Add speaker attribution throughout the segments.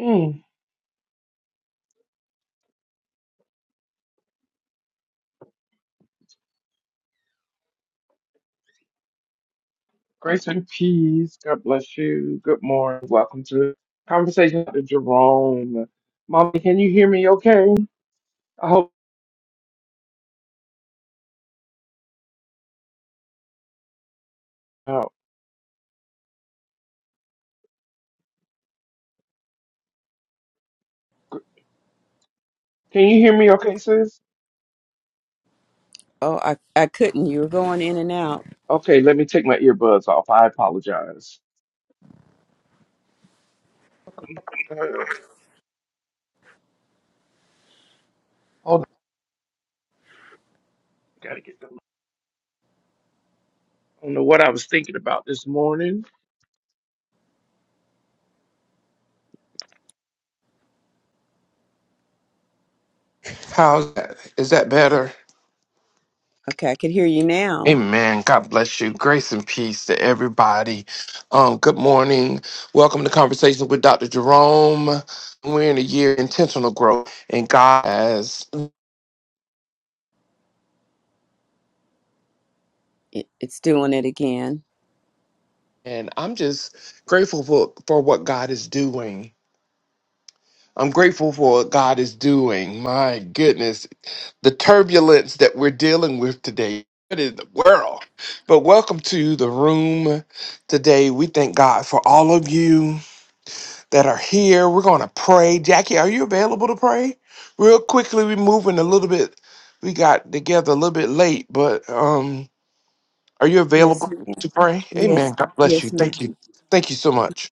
Speaker 1: Mm. Grace and peace. God bless you. Good morning. Welcome to Conversation with Jerome. Mommy, can you hear me okay? I hope uh, Can you hear me okay, sis?
Speaker 2: Oh, I, I couldn't. You were going in and out.
Speaker 1: Okay, let me take my earbuds off. I apologize. Uh, Hold on. Gotta get them. I don't know what I was thinking about this morning. How's that? Is that better?
Speaker 2: Okay, I could hear you now.
Speaker 1: Amen. God bless you. Grace and peace to everybody. Um, good morning. Welcome to Conversations with Dr. Jerome. We're in a year of intentional growth and God has,
Speaker 2: It, it's doing it again.
Speaker 1: and I'm just grateful for, for what God is doing. I'm grateful for what God is doing. My goodness, the turbulence that we're dealing with today. What in the world? But welcome to the room today. We thank God for all of you. that are here. We're going to pray. Jackie, are you available to pray? Real quickly, we're moving a little bit. We got together a little bit late, but um, are you available
Speaker 2: Yes, ma'am.
Speaker 1: to pray? Amen.
Speaker 2: Yes,
Speaker 1: God bless you.
Speaker 2: yes, ma'am.
Speaker 1: Thank you. Thank you so much.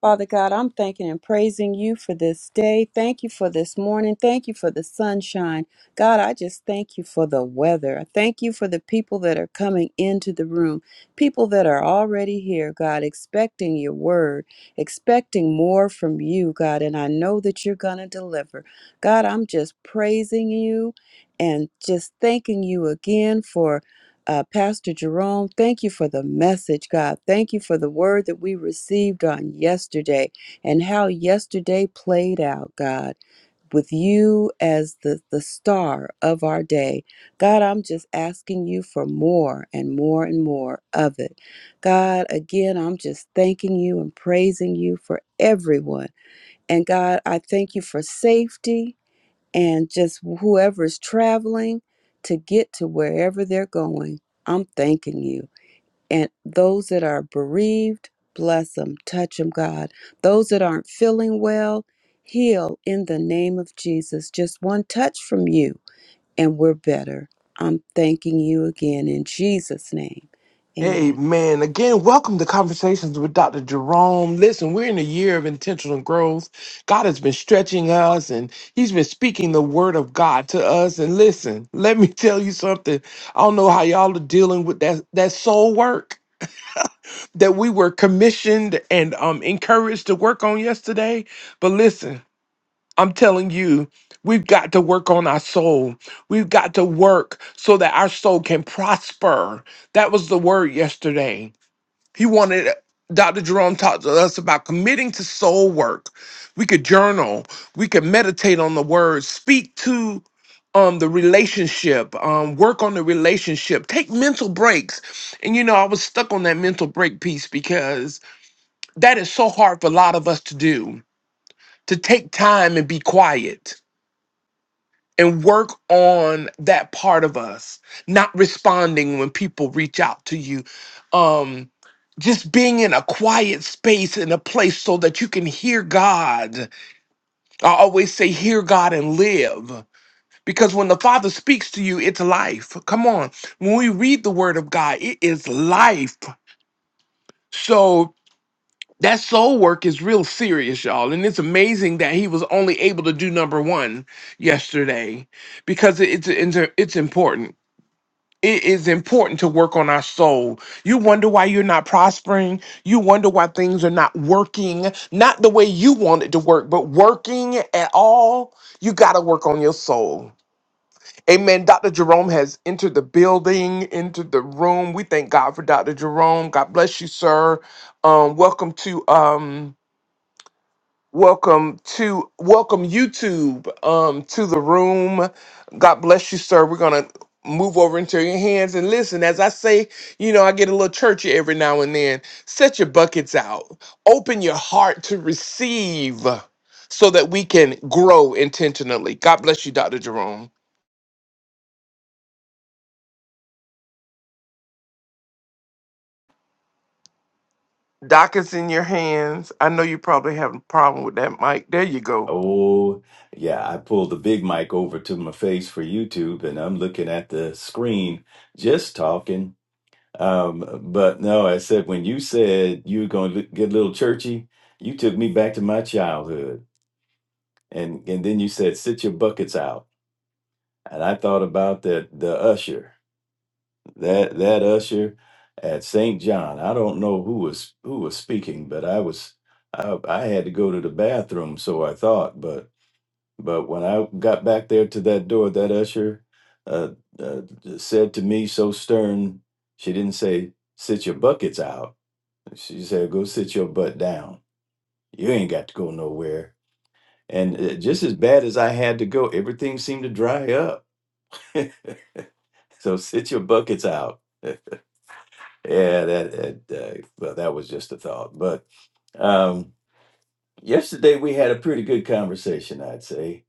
Speaker 2: Father God, I'm thanking and praising you for this day. Thank you for this morning. Thank you for the sunshine. God, I just thank you for the weather. I thank you for the people that are coming into the room, people that are already here, God, expecting your word, expecting more from you, God. And I know that you're going to deliver. God, I'm just praising you and just thanking you again for uh, Pastor Jerome, thank you for the message, God. Thank you for the word that we received on yesterday and how yesterday played out, God, with you as the, the star of our day. God, I'm just asking you for more and more and more of it. God, again, I'm just thanking you and praising you for everyone. And God, I thank you for safety and just whoever's traveling to get to wherever they're going. I'm thanking you. And those that are bereaved, bless them, touch them, God. Those that aren't feeling well, heal in the name of Jesus. Just one touch from you, and we're better. I'm thanking you again in Jesus' name. Amen.
Speaker 1: Amen. Again, welcome to Conversations with Dr. Jerome. Listen, we're in a year of intentional growth. God has been stretching us and He's been speaking the word of God to us. And listen, let me tell you something. I don't know how y'all are dealing with that, that soul work. that we were commissioned and um, encouraged to work on yesterday. But listen, I'm telling you, we've got to work on our soul. We've got to work so that our soul can prosper. That was the word yesterday he wanted Dr. Jerome talked to us about committing to soul work. We could journal, we could meditate on the word, speak to um the relationship, um, work on the relationship, take mental breaks. And you know, I was stuck on that mental break piece because that is so hard for a lot of us to do, to take time and be quiet and work on that part of us not responding when people reach out to you um just being in a quiet space in a place so that you can hear god i always say hear god and live because when the father speaks to you it's life come on when we read the word of god it is life so that soul work is real serious y'all and it's amazing that he was only able to do number one yesterday because it's it's it's important It is important to work on our soul. You wonder why you're not prospering. You wonder why things are not working, not the way you want it to work, but working at all. You got to work on your soul. Amen. Dr. Jerome has entered the building, entered the room. We thank God for Dr. Jerome. God bless you, sir. Um, welcome to. Um, Welcome to welcome YouTube um to the room. God bless you, sir. We're gonna move over into your hands and listen. As I say, you know, I get a little churchy every now and then. Set your buckets out. Open your heart to receive so that we can grow intentionally. God bless you, Dr. Jerome. Doc is in your hands. I know you probably have a problem with that mic. There you go.
Speaker 3: Oh, yeah, I pulled the big mic over to my face for YouTube and I'm looking at the screen just talking. Um, but no, I said, when you said you were going to get a little churchy, you took me back to my childhood. And and then you said, sit your buckets out. And I thought about that the usher, that that usher at St. John. I don't know who was who was speaking, but I was I, I had to go to the bathroom, so I thought, but But when I got back there to that door, that usher uh, uh, said to me so stern, she didn't say, sit your buckets out. She said, go sit your butt down. You ain't got to go nowhere. And uh, just as bad as I had to go, everything seemed to dry up. so sit your buckets out. yeah, that, that uh, well, that was just a thought. But um, yesterday we had a pretty good conversation, I'd say.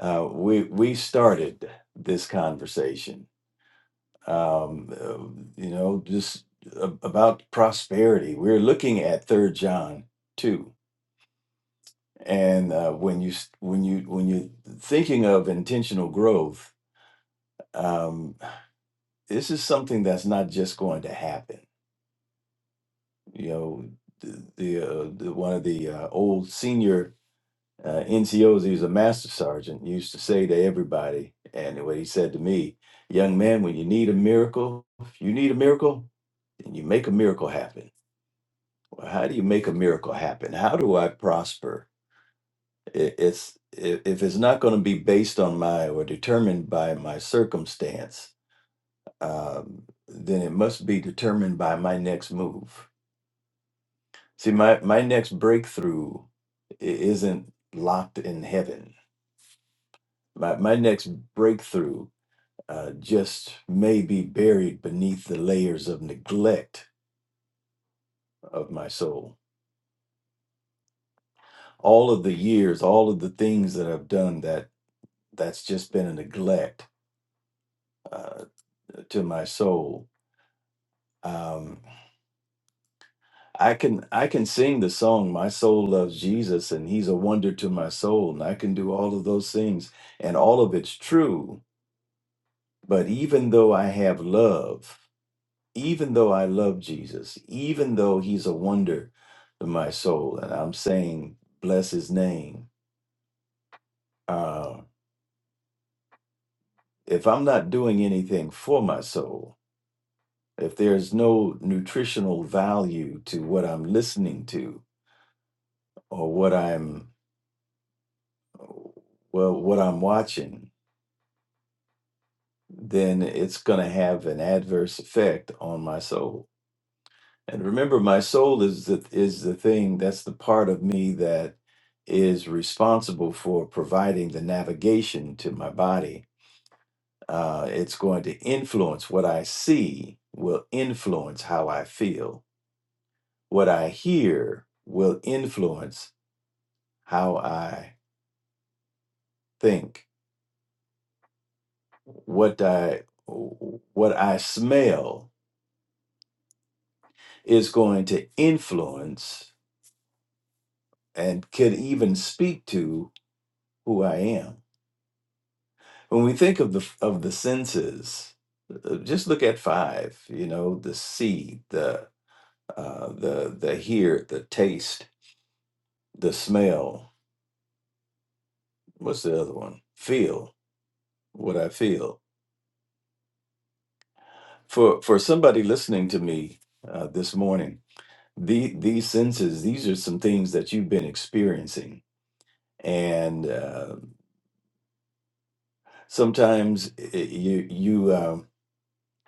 Speaker 3: Uh, we we started this conversation um, uh, you know, just a- about prosperity. We're looking at Third John two, and uh, when you when you when you're thinking of intentional growth, um, this is something that's not just going to happen. You know, the, the, uh, the one of the uh, old senior uh, NCOs, he was a master sergeant, used to say to everybody, and what he said to me, young man, when you need a miracle, if you need a miracle, then you make a miracle happen how do you make a miracle happen? How do I prosper? I- It's i- if it's not going to be based on my or determined by my circumstance, um, then it must be determined by my next move. See, my my next breakthrough i- isn't locked in heaven. My my next breakthrough uh, just may be buried beneath the layers of neglect of my soul. All of the years, all of the things that I've done that that's just been a neglect uh, to my soul. Um, I can I can sing the song "My Soul Loves Jesus" and He's a wonder to my soul, and I can do all of those things, and all of it's true. But even though I have love, even though I love Jesus, even though He's a wonder to my soul, and I'm saying bless His name. Uh, if I'm not doing anything for my soul, if there's no nutritional value to what I'm listening to or what I'm well what i'm watching then it's going to have an adverse effect on my soul and remember my soul is the is the thing that's the part of me that is responsible for providing the navigation to my body uh, it's going to influence what i see will influence how i feel what i hear will influence how i think what i what i smell is going to influence and could even speak to who I am. When we think of the of the senses, uh, just look at five. You know, the see, the uh, the the hear, the taste, the smell. What's the other one? Feel what I feel. For for somebody listening to me uh, this morning, the these senses, these are some things that you've been experiencing, and uh, sometimes i- you you. Um,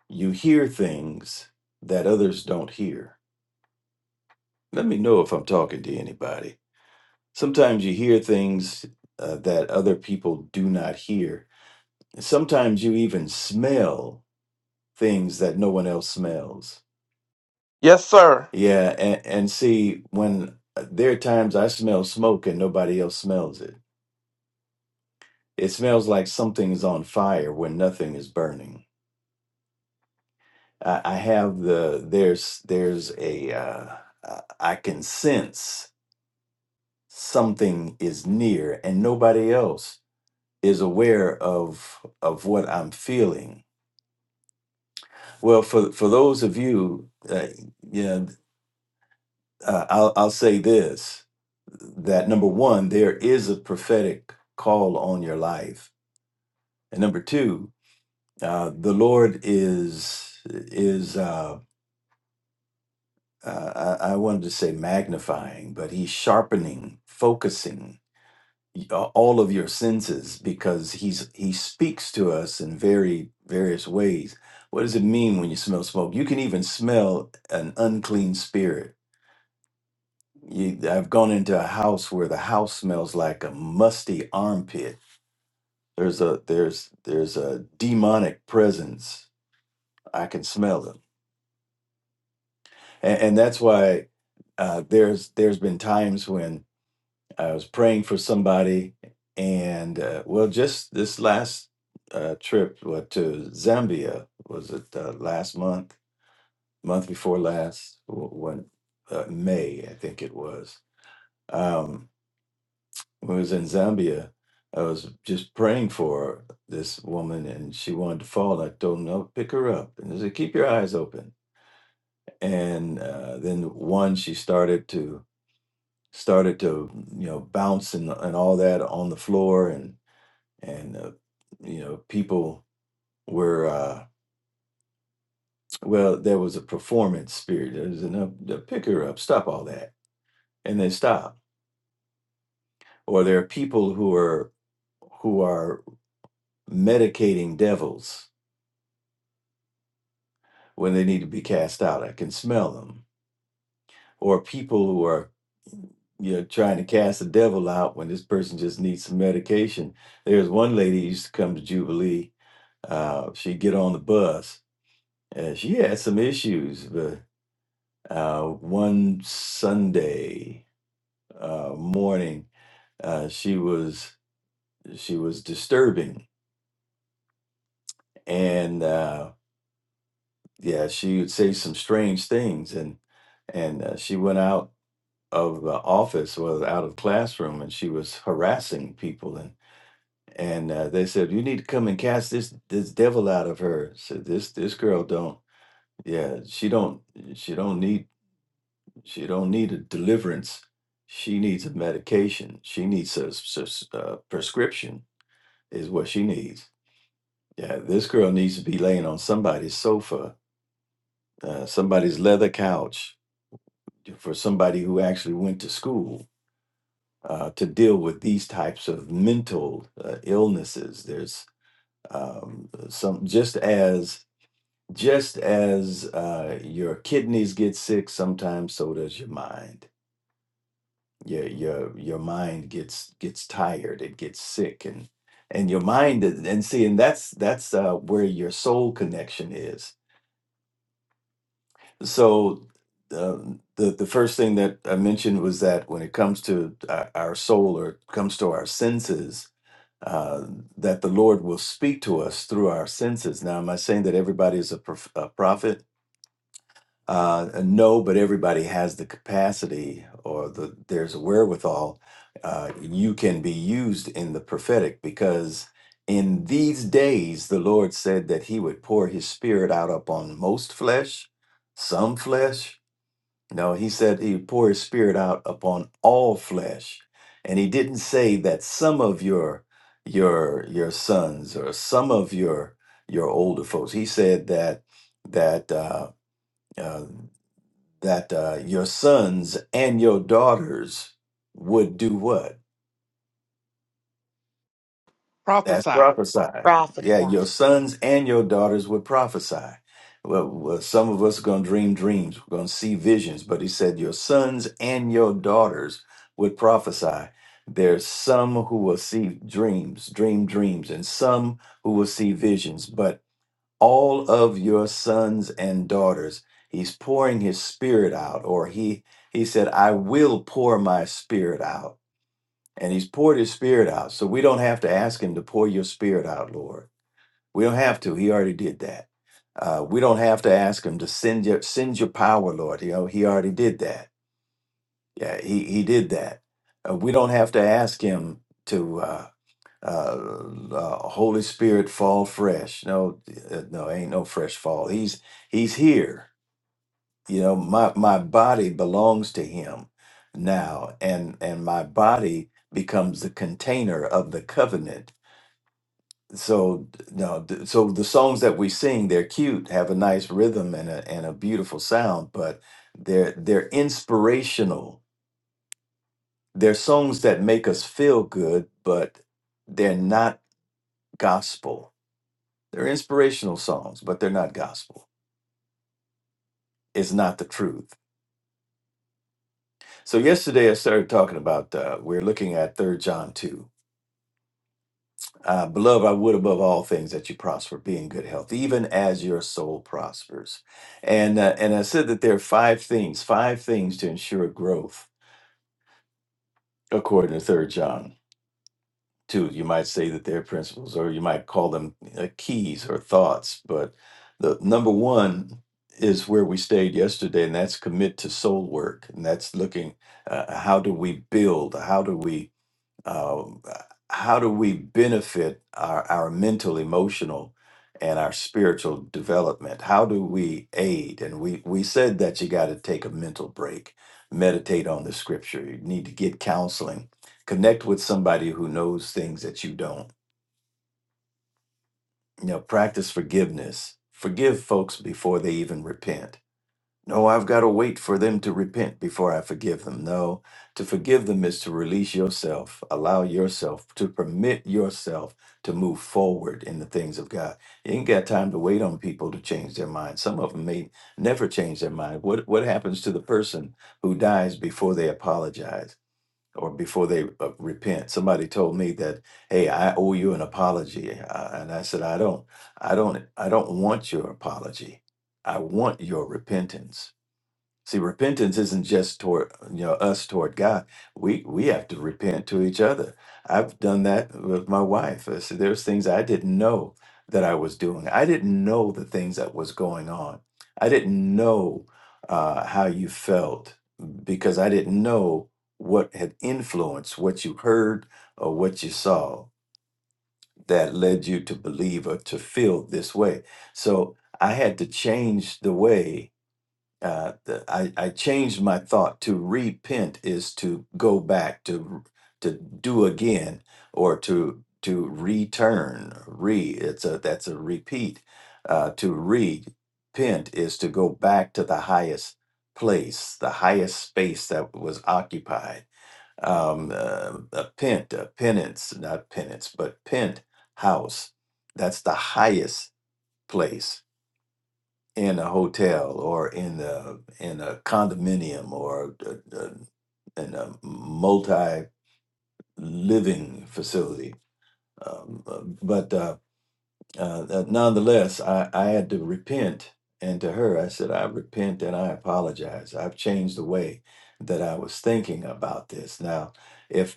Speaker 3: You hear things that others don't hear. Let me know if I'm talking to anybody. Sometimes you hear things uh, that other people do not hear. And sometimes you even smell things that no one else smells.
Speaker 1: Yes, sir.
Speaker 3: Yeah, and, and see, when uh, there are times I smell smoke and nobody else smells it. It smells like something's on fire when nothing is burning. I, I have the there's there's a uh, I I can sense something is near and nobody else is aware of of what I'm feeling. Well, for for those of you, uh, yeah, uh, I'll I'll say this: that number one, there is a prophetic call on your life, and number two, uh, the Lord is is uh, uh, I, I wanted to say magnifying, but He's sharpening, focusing y- a- all of your senses because he's he speaks to us in very various ways. What does it mean when you smell smoke? You can even smell an unclean spirit. You, I've gone into a house where the house smells like a musty armpit. There's a there's there's a demonic presence. I can smell them, and, and that's why uh, there's there's been times when I was praying for somebody, and uh, well, just this last uh, trip what, to Zambia was it uh, last month, month before last, w- when uh, May I think it was. Um, when I was in Zambia, I was just praying for this woman, and she wanted to fall. I told him, "No, pick her up," and I said, "Keep your eyes open." And uh, then one, she started to started to you know bounce and, and all that on the floor and. and uh, you know people were uh, well there was a performance spirit There's enough to pick her up stop all that and they stop or there are people who are who are medicating devils when they need to be cast out i can smell them or people who are you know trying to cast the devil out when this person just needs some medication there's one lady who used to come to jubilee uh, she'd get on the bus and she had some issues but. Uh, one Sunday uh, morning, uh, she was she was disturbing, and uh, yeah, she would say some strange things, and and uh, she went out of the office was out of classroom and she was harassing people and and uh, they said you need to come and cast this this devil out of her said this this girl don't yeah she don't she don't need She don't need a deliverance. She needs a medication. She needs a, s- s- uh prescription is what she needs. Yeah, this girl needs to be laying on somebody's sofa, uh, somebody's leather couch for somebody who actually went to school uh, to deal with these types of mental uh, illnesses. There's um, some just as just as uh, your kidneys get sick sometimes, so does your mind your your your mind gets gets tired it gets sick and and your mind is- and see and that's that's uh, where your soul connection is so um, the the first thing that I mentioned was that when it comes to our, our soul or comes to our senses uh, that the Lord will speak to us through our senses now am I saying that everybody is a, prof- a prophet Uh, no, but everybody has the capacity or the there's a wherewithal. Uh, you can be used in the prophetic because in these days the Lord said that He would pour His Spirit out upon most flesh, some flesh. No, He said He would pour His Spirit out upon all flesh, and He didn't say that some of your your your sons or some of your your older folks. He said that that. Uh, uh, that uh, your sons and your daughters would do what? That's
Speaker 1: Prophesy.
Speaker 3: prophesy. Yeah, your
Speaker 4: Prophesy.
Speaker 3: sons and your daughters would prophesy. Well, well some of us are going to dream dreams, we're going to see visions, but he said, Your sons and your daughters would prophesy. There's some who will see dreams, dream dreams, and some who will see visions, but all of your sons and daughters. He's pouring his spirit out, or he he said, I will pour my spirit out. And he's poured his spirit out. So we don't have to ask him to pour your spirit out, Lord. We don't have to. He already did that. Uh, we don't have to ask him to send your send your power, Lord. You know, he already did that. Yeah, he he did that. Uh, we don't have to ask him to. Uh, uh, uh, Holy Spirit fall fresh. No, uh, no, ain't no fresh fall. He's he's here. You know, my my body belongs to him now, and and my body becomes the container of the covenant. So no, th- so the songs that we sing, they're cute, have a nice rhythm and a and a beautiful sound, but they're they're inspirational. They're songs that make us feel good, but they're not gospel They're inspirational songs, but they're not gospel. It's not the truth. So yesterday I started talking about uh, we're looking at Third John 2. Uh, Beloved, I would above all things that you prosper, be in good health, even as your soul prospers. And uh, and I said that there are five things, five things to ensure growth according to Third John. too. You might say that they're principles, or you might call them uh, keys or thoughts. But the number one is where we stayed yesterday, and that's commit to soul work. And that's looking uh, how do we build? How do we um, how do we benefit our, our mental, emotional, and our spiritual development? How do we aid? And we, we said that you got to take a mental break, meditate on the scripture. You need to get counseling, connect with somebody who knows things that you don't. You know, practice forgiveness. Forgive folks before they even repent no, I've got to wait for them to repent before I forgive them. No, to forgive them is to release yourself, allow yourself to permit yourself to move forward in the things of God. You ain't got time to wait on people to change their mind. Some of them may never change their mind. What what happens to the person who dies before they apologize or before they uh, repent? Somebody told me that, "Hey, I owe you an apology," uh, and I said, "I don't, I don't, I don't want your apology. I want your repentance." See, repentance isn't just toward you know us toward God. We we have to repent to each other. I've done that with my wife. I said, There's things I didn't know that I was doing. I didn't know the things that was going on. I didn't know uh, how you felt because I didn't know what had influenced what you heard or what you saw that led you to believe or to feel this way. So I had to change the way uh, the, I, I changed my thought to repent is to go back to to do again or to to return re it's a that's a repeat uh, to repent is to go back to the highest place the highest space that was occupied um, uh, a pent a penance not penance but pent house that's the highest place in a hotel or in a in a condominium or a, a- in a multi living facility. Um, uh, but uh, uh, uh, nonetheless, I, I had to repent. And to her, I said, I repent and I apologize. I've changed the way that I was thinking about this. Now, if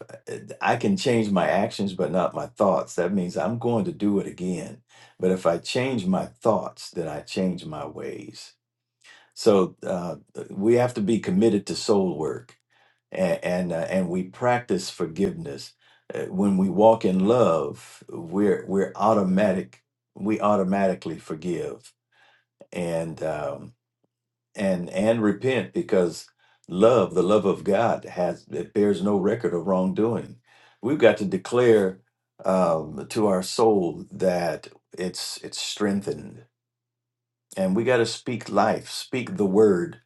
Speaker 3: I can change my actions but not my thoughts, that means I'm going to do it again. But if I change my thoughts, then I change my ways so uh, we have to be committed to soul work, and and, uh, and we practice forgiveness. Uh, When we walk in love, we're we're automatic. We automatically forgive and um, and and repent because love, the love of God, has it bears no record of wrongdoing. We've got to declare um, to our soul that it's it's strengthened, and we got to speak life, speak the word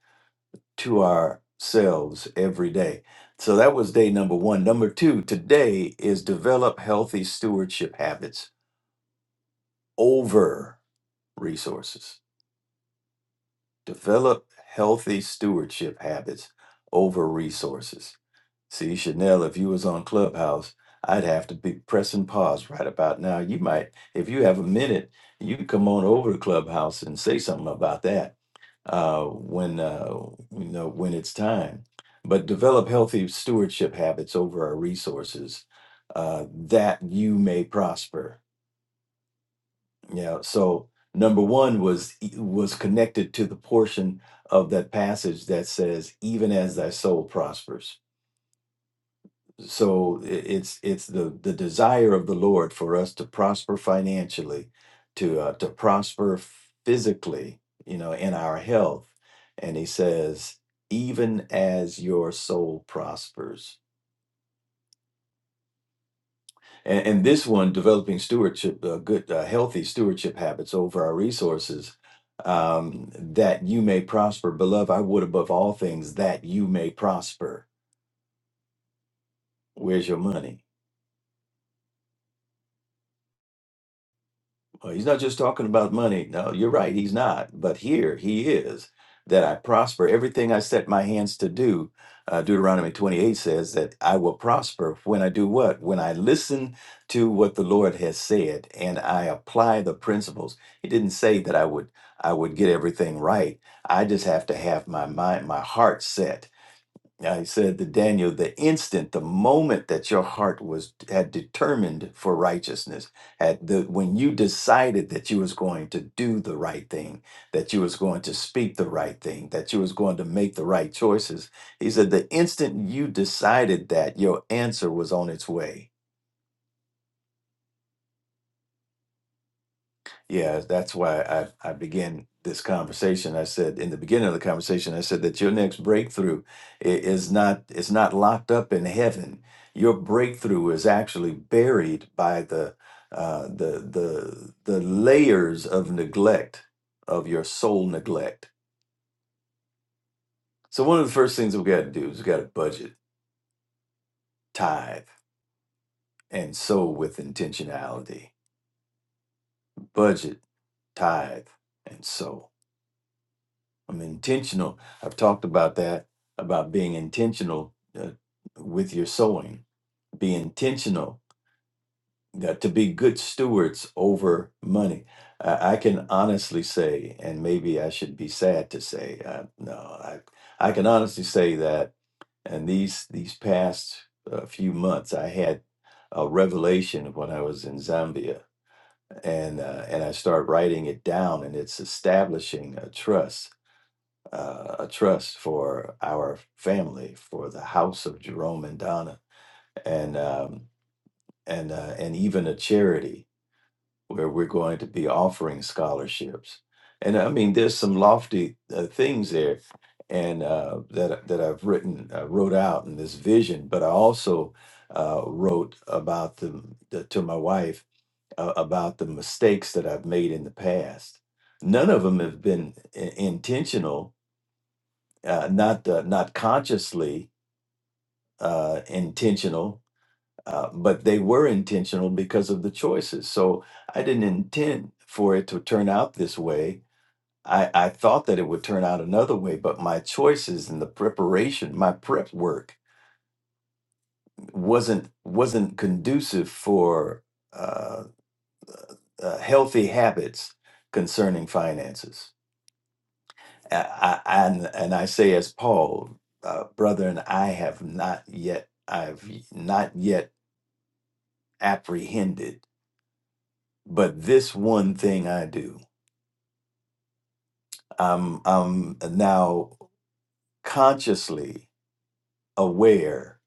Speaker 3: to ourselves every day. So that was day number one. Number two, today is develop healthy stewardship habits over resources. Develop healthy stewardship habits over resources. See, Chanel, if you was on Clubhouse, I'd have to be pressing pause right about now. You might, if you have a minute, you can come on over to Clubhouse and say something about that uh, when uh, you know when it's time. But develop healthy stewardship habits over our resources uh, that you may prosper. Yeah. So number one was e, was connected to the portion of that passage that says, "Even as thy soul prospers." so i- it's it's the the desire of the lord for us to prosper financially to uh, to prosper physically you know in our health and he says even as your soul prospers and, and this one developing stewardship uh, good uh, healthy stewardship habits over our resources um, that you may prosper beloved i would above all things that you may prosper where's your money Well, he's not just talking about money. No, you're right. He's not. But here he is that I prosper everything I set my hands to do. Uh, Deuteronomy 28 says that I will prosper when I do what? When I listen to what the Lord has said and I apply the principles. He didn't say that I would I would get everything right. I just have to have my mind, my heart set I said to Daniel, the instant, the moment that your heart was had determined for righteousness, had the when you decided that you was going to do the right thing, that you was going to speak the right thing, that you was going to make the right choices, he said, the instant you decided that, your answer was on its way Yeah, that's why I, I began this conversation. I said in the beginning of the conversation, I said that your next breakthrough i- is not is not locked up in heaven. Your breakthrough is actually buried by the uh, the the the layers of neglect of your soul neglect. So one of the first things we've got to do is we've got to budget, tithe, and sow with intentionality. Budget, tithe, and sow. I'm intentional. I've talked about that, about being intentional uh, with your sowing. Be intentional uh, to be good stewards over money. I I can honestly say, and maybe I should be sad to say, uh, no, I, I can honestly say that. And these these past uh, few months, I had a revelation when I was in Zambia, and uh, and I start writing it down, and it's establishing a trust uh, a trust for our family, for the house of Jerome and Donna, and um, and uh, and even a charity where we're going to be offering scholarships. And I mean, there's some lofty uh, things there, and uh, that that I've written uh, wrote out in this vision. But I also uh, wrote about the, the to my wife uh, about the mistakes that I've made in the past. None of them have been i- intentional, uh, not uh, not consciously uh, intentional, uh, but they were intentional because of the choices. So I didn't intend for it to turn out this way. I, I thought that it would turn out another way, but my choices and the preparation, my prep work, wasn't wasn't conducive for uh, uh, healthy habits concerning finances. I, I, and and I say as Paul, uh, brethren, I have not yet, I've not yet apprehended, but this one thing I do, I'm I'm now consciously aware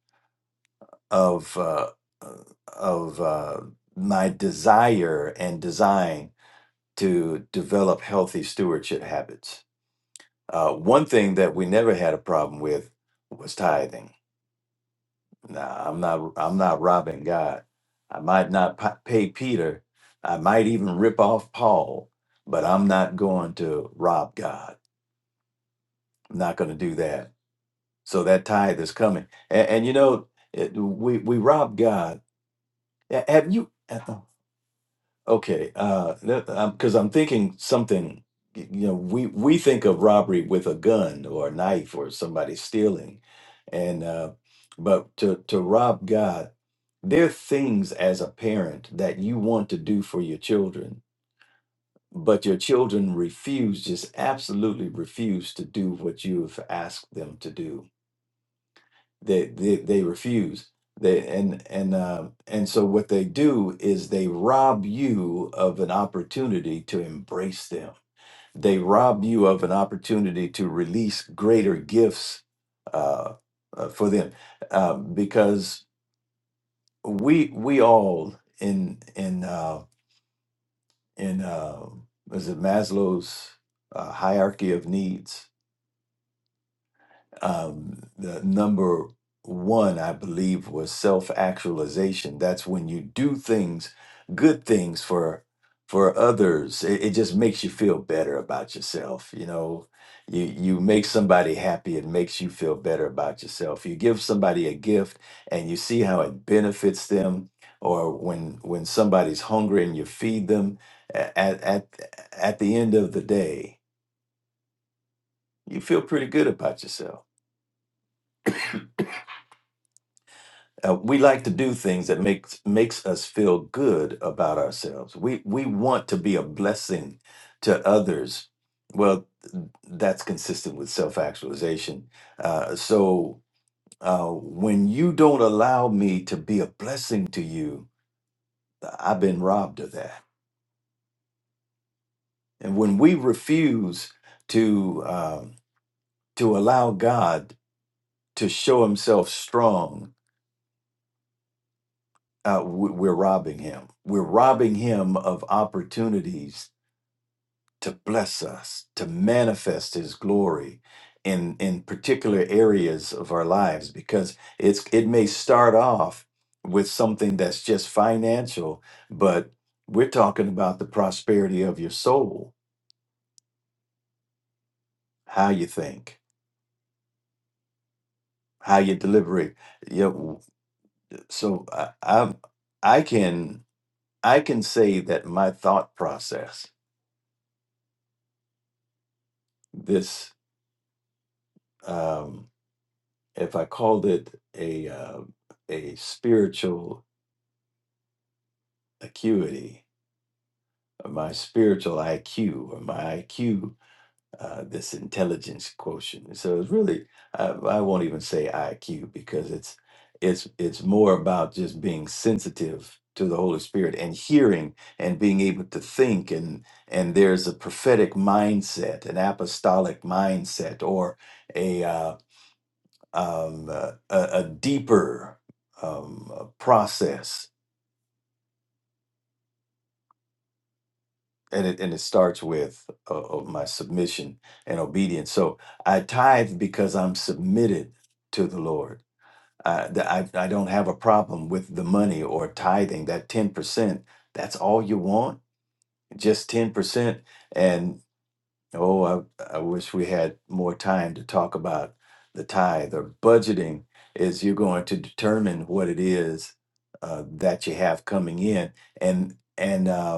Speaker 3: of uh, uh, of uh, my desire and design to develop healthy stewardship habits. Uh, one thing that we never had a problem with was tithing Nah, I'm not. I'm not robbing God. I might not pa- pay Peter. I might even rip off Paul, but I'm not going to rob God. I'm not going to do that. So that tithe is coming, and, and you know, it, we we rob God. A- Have you? Okay, because I'm 'cause I'm thinking something. y- You know, we we think of robbery with a gun or a knife or somebody stealing, and uh, but to to rob God. There are things as a parent that you want to do for your children, but your children refuse, just absolutely refuse to do what you have asked them to do. They they, they refuse. They and and uh, and so what they do is they rob you of an opportunity to embrace them. They rob you of an opportunity to release greater gifts uh, uh, for them, uh, because we we all in in. Uh, in um was it Maslow's uh, hierarchy of needs um, the number one, I believe, was self actualization. That's when you do things, good things for for others. It, it just makes you feel better about yourself. You know, you you make somebody happy. It makes you feel better about yourself. You give somebody a gift, and you see how it benefits them. Or when when somebody's hungry and you feed them. a- At at at the end of the day, you feel pretty good about yourself. Uh, we like to do things that makes makes us feel good about ourselves. We we want to be a blessing to others. Well, that's consistent with self actualization. Uh, so uh, when you don't allow me to be a blessing to you, I've been robbed of that. And when we refuse to um, to allow God to show Himself strong, uh, we- we're robbing Him. We're robbing Him of opportunities to bless us, to manifest his glory in in particular areas of our lives because it's it may start off with something that's just financial, but we're talking about the prosperity of your soul, how you think, how you deliberate. You know, so I, I I can I can say that my thought process, this um, if I called it a uh, a spiritual acuity or my spiritual IQ or my IQ, uh, this intelligence quotient. So it's really, I, I won't even say IQ because it's it's it's more about just being sensitive to the Holy Spirit and hearing and being able to think and and there's a prophetic mindset, an apostolic mindset, or a uh, um, a, a a deeper um, uh, process and it and it starts with uh, uh, my submission and obedience. So I tithe because I'm submitted to the Lord. I, the- I I don't have a problem with the money or tithing. That ten percent, that's all you want, just ten percent. And oh, I I wish we had more time to talk about the tithe or budgeting. Is you're going to determine what it is uh, that you have coming in, and and. um,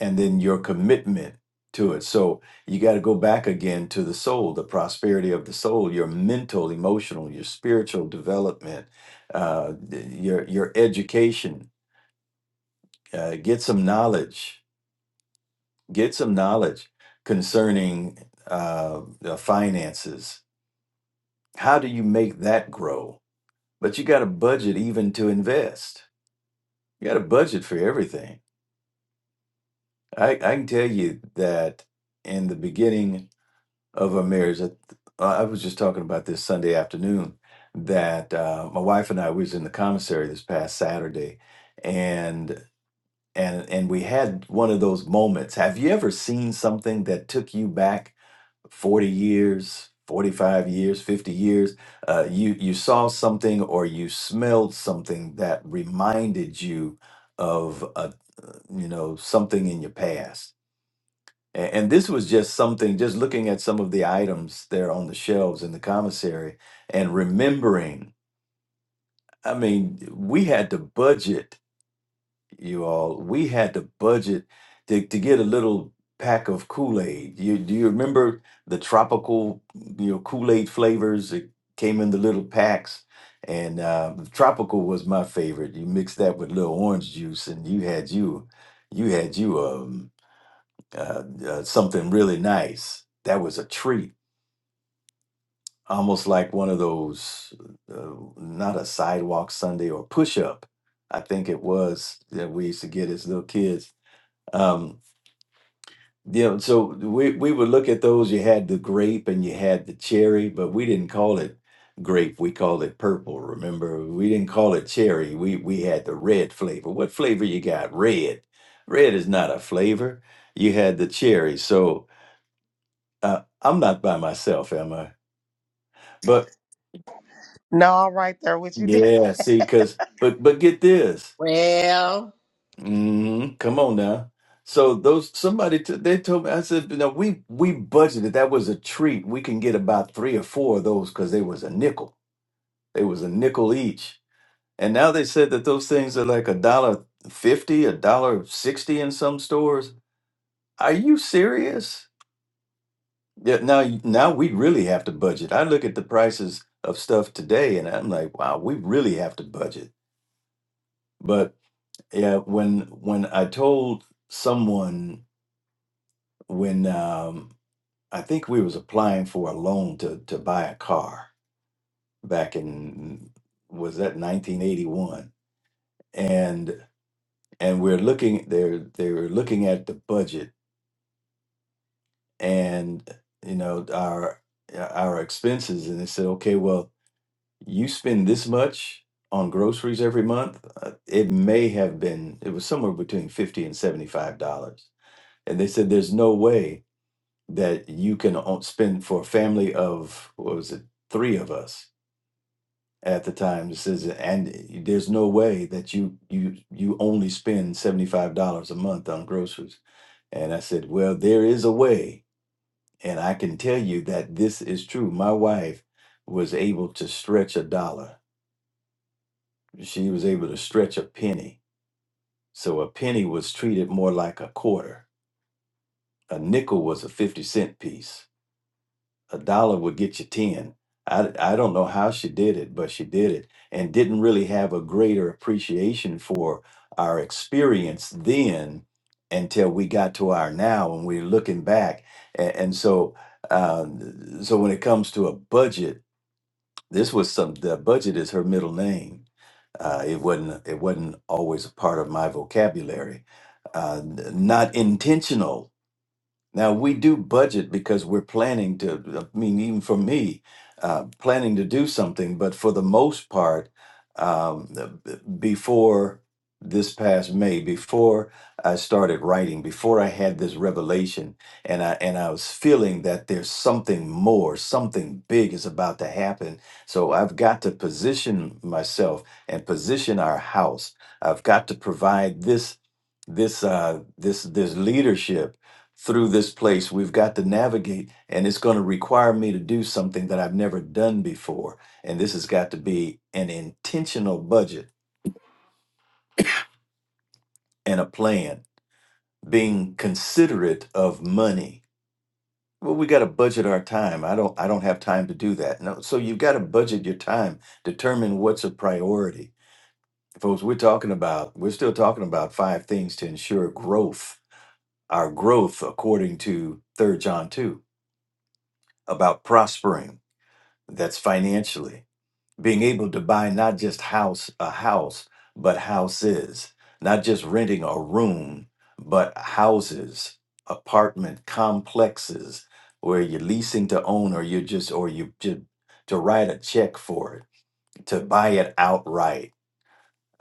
Speaker 3: and then your commitment to it. So you got to go back again to the soul, the prosperity of the soul, your mental, emotional, your spiritual development, uh, your your education. Uh, get some knowledge. Get some knowledge concerning uh, the finances. How do you make that grow? But you got a budget even to invest. You got a budget for everything. I, I can tell you that in the beginning of our marriage. I, I was just talking about this Sunday afternoon that uh, my wife and I we was in the commissary this past Saturday, and and and we had one of those moments. Have you ever seen something that took you back forty years? 45 years 50 years uh, you you saw something or you smelled something that reminded you of a, you know something in your past a- And, this was just something, just looking at some of the items there on the shelves in the commissary and remembering. I mean, we had to budget, you all. We had to budget to, to get a little pack of Kool Aid. You, do you remember the tropical, you know, Kool Aid flavors that came in the little packs? And uh, tropical was my favorite. You mix that with little orange juice, and you had you, you had you. um, uh, uh, something really nice. That was a treat, almost like one of those, uh, not a sidewalk Sunday or push up. I think it was that we used to get as little kids. Um, you know, so we, we would look at those. You had the grape and you had the cherry, but we didn't call it grape. We called it purple. Remember, we didn't call it cherry. We we had the red flavor. What flavor you got? Red. Red is not a flavor. You had the cherry. So Uh, I'm not by myself, am I? But
Speaker 4: No, I'm right there with you. Dad.
Speaker 3: yeah, see, because but but get this.
Speaker 5: Well,
Speaker 3: hmm Come on now. So those somebody t- they told me I said no, we we budgeted that was a treat we can get about three or four of those because they was a nickel they was a nickel each and now they said that those things are like a dollar fifty a dollar sixty in some stores are you serious Yeah, now you- now we really have to budget. I look at the prices of stuff today and I'm like, wow, we really have to budget. But yeah, when when I told someone when um I think we was applying for a loan to to buy a car back in was that 1981 and and we're looking they're they were looking at the budget and you know our our expenses and they said okay well you spend this much on groceries every month uh, it may have been it was somewhere between 50 and 75 dollars and they said there's no way that you can o- spend for a family of what was it three of us at the time this is and there's no way that you you you only spend 75 dollars a month on groceries and i said well there is a way and i can tell you that this is true my wife was able to stretch a dollar She was able to stretch a penny. So a penny was treated more like a quarter. A nickel was a 50 cent piece. A dollar would get you 10. I, I don't know how she did it, but she did it and didn't really have a greater appreciation for our experience then until we got to our now and we're looking back. And, and so, um, so when it comes to a budget, This was some. The budget is her middle name. Uh, it wasn't. It wasn't always a part of my vocabulary. Uh, n- not intentional. Now we do budget because we're planning to. I mean, even for me, uh, planning to do something. But for the most part, um, the- b- before this past May, before I started writing, before I had this revelation, and I and I was feeling that there's something more, something big is about to happen. So I've got to position myself and position our house. I've got to provide this this uh, this this leadership through this place. We've got to navigate, and it's going to require me to do something that I've never done before. And this has got to be an intentional budget and a plan, being considerate of money. Well, we got to budget our time. I don't. I don't have time to do that. No. So you've got to budget your time. Determine what's a priority, folks. We're talking about. We're still talking about five things to ensure growth. Our growth, according to Third John two, about prospering. That's financially being able to buy not just house a house but houses not just renting a room but houses apartment complexes where you're leasing to own or you just or you just to write a check for it to buy it outright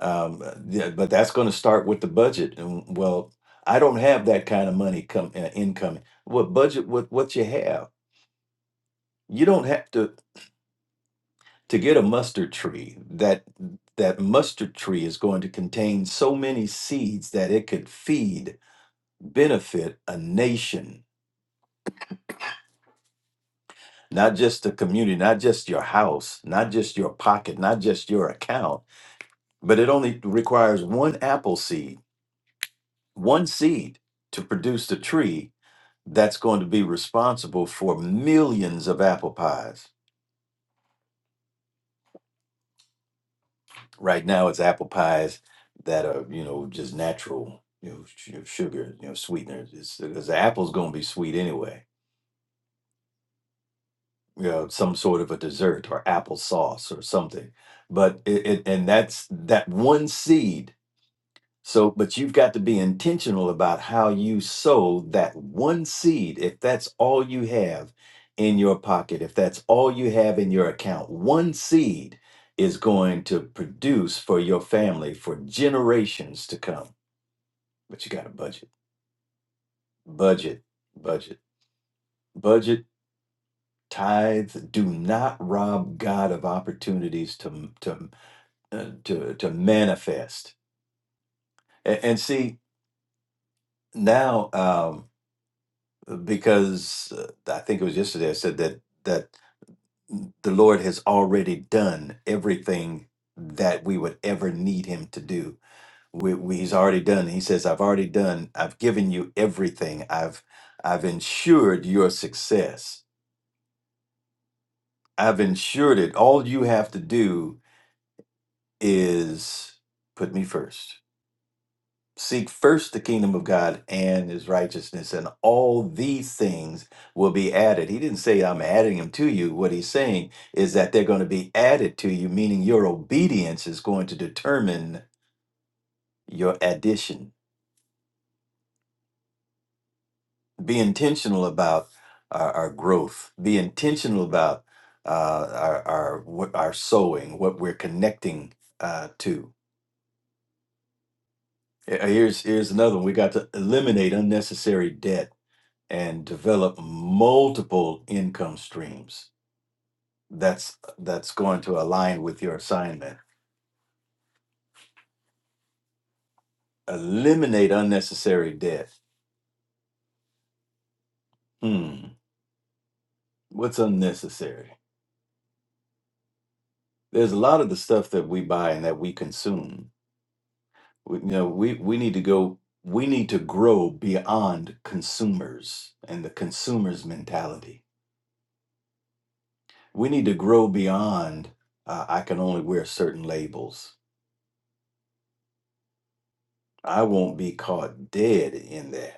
Speaker 3: um, yeah, but that's going to start with the budget and well i don't have that kind of money come uh, income what budget what what you have you don't have to to get a mustard tree that that mustard tree is going to contain so many seeds that it could feed benefit a nation not just a community not just your house not just your pocket not just your account but it only requires one apple seed one seed to produce the tree that's going to be responsible for millions of apple pies Right now, it's apple pies that are you know just natural, you know, su- sugar, you know, sweeteners. It's because the apple's gonna be sweet anyway. You know, some sort of a dessert or apple sauce or something. But it, it and that's that one seed So, but you've got to be intentional about how you sow that one seed. If that's all you have in your pocket, if that's all you have in your account, one seed is going to produce for your family for generations to come. But you got to budget, budget, budget, budget. Tithe. Do not rob God of opportunities to to uh, to to manifest. A- And, see now. Um, because uh, I think it was yesterday I said that that the Lord has already done everything that we would ever need Him to do. We, we, he's already done. He says, "I've already done. I've given you everything. I've I've ensured your success. I've ensured it. All you have to do is put me first." Seek first the kingdom of God and his righteousness, and all these things will be added. He didn't say, I'm adding them to you. What he's saying is that they're going to be added to you, meaning your obedience is going to determine your addition. Be intentional about our, our growth, be intentional about uh, our, our, what- our sowing, what we're connecting uh, to. Here- Here's, here's another one. We got to eliminate unnecessary debt and develop multiple income streams that's that's going to align with your assignment eliminate unnecessary debt hmm what's unnecessary there's a lot of the stuff that we buy and that we consume we, you know we we need to go we need to grow beyond consumers and the consumers mentality we need to grow beyond uh, i can only wear certain labels i won't be caught dead in that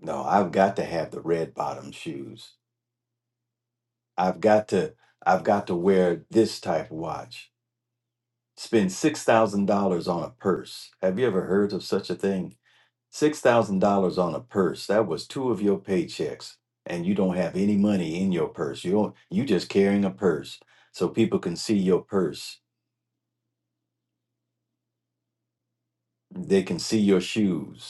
Speaker 3: no i've got to have the red bottom shoes i've got to i've got to wear this type of watch spend $6000 on a purse have you ever heard of such a thing $6000 on a purse that was two of your paychecks and you don't have any money in your purse you don't you just carrying a purse so people can see your purse they can see your shoes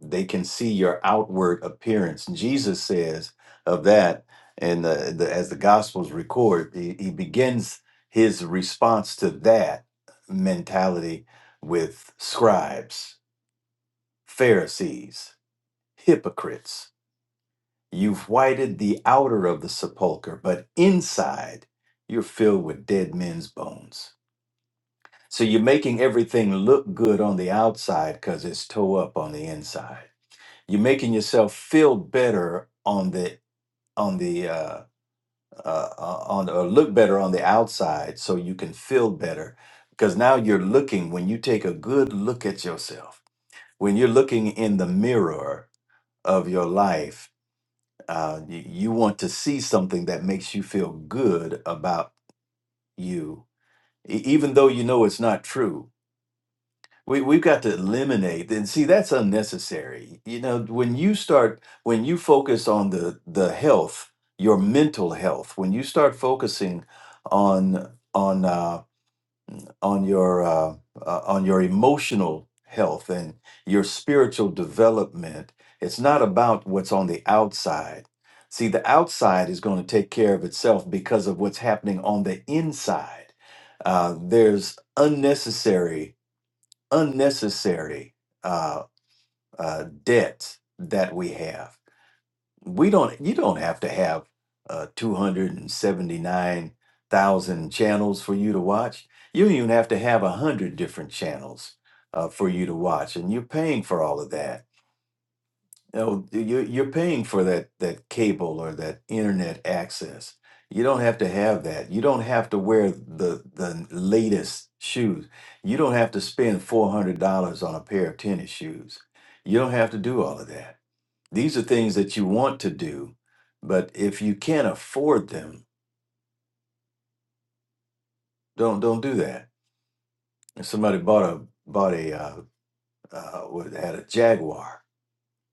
Speaker 3: they can see your outward appearance. Jesus says of that, and the, the, as the Gospels record, he, he begins his response to that mentality with scribes, Pharisees, hypocrites. You've whited the outer of the sepulchre, but inside you're filled with dead men's bones. So you're making everything look good on the outside because it's toe up on the inside. You're making yourself feel better on the on the uh, uh, uh, on or look better on the outside, so you can feel better because now you're looking. When you take a good look at yourself, when you're looking in the mirror of your life, uh, you, you want to see something that makes you feel good about you, e- even though you know it's not true We we've got to eliminate and see that's unnecessary. You know, when you start when you focus on the the health, your mental health, when you start focusing on on uh, on your uh, uh, on your emotional health and your spiritual development, it's not about what's on the outside. See, the outside is going to take care of itself because of what's happening on the inside. Uh, there's unnecessary unnecessary uh, uh, debts that we have. We don't. You don't have to have uh, two hundred and seventy nine thousand channels for you to watch. You don't even have to have a hundred different channels uh, for you to watch, and you're paying for all of that Oh, you're you're paying for that that cable or that internet access. You don't have to have that. You don't have to wear the the latest shoes. You don't have to spend four hundred dollars on a pair of tennis shoes. You don't have to do all of that. These are things that you want to do, but if you can't afford them, don't don't do that. If somebody bought a bought a uh, uh, what- had a Jaguar,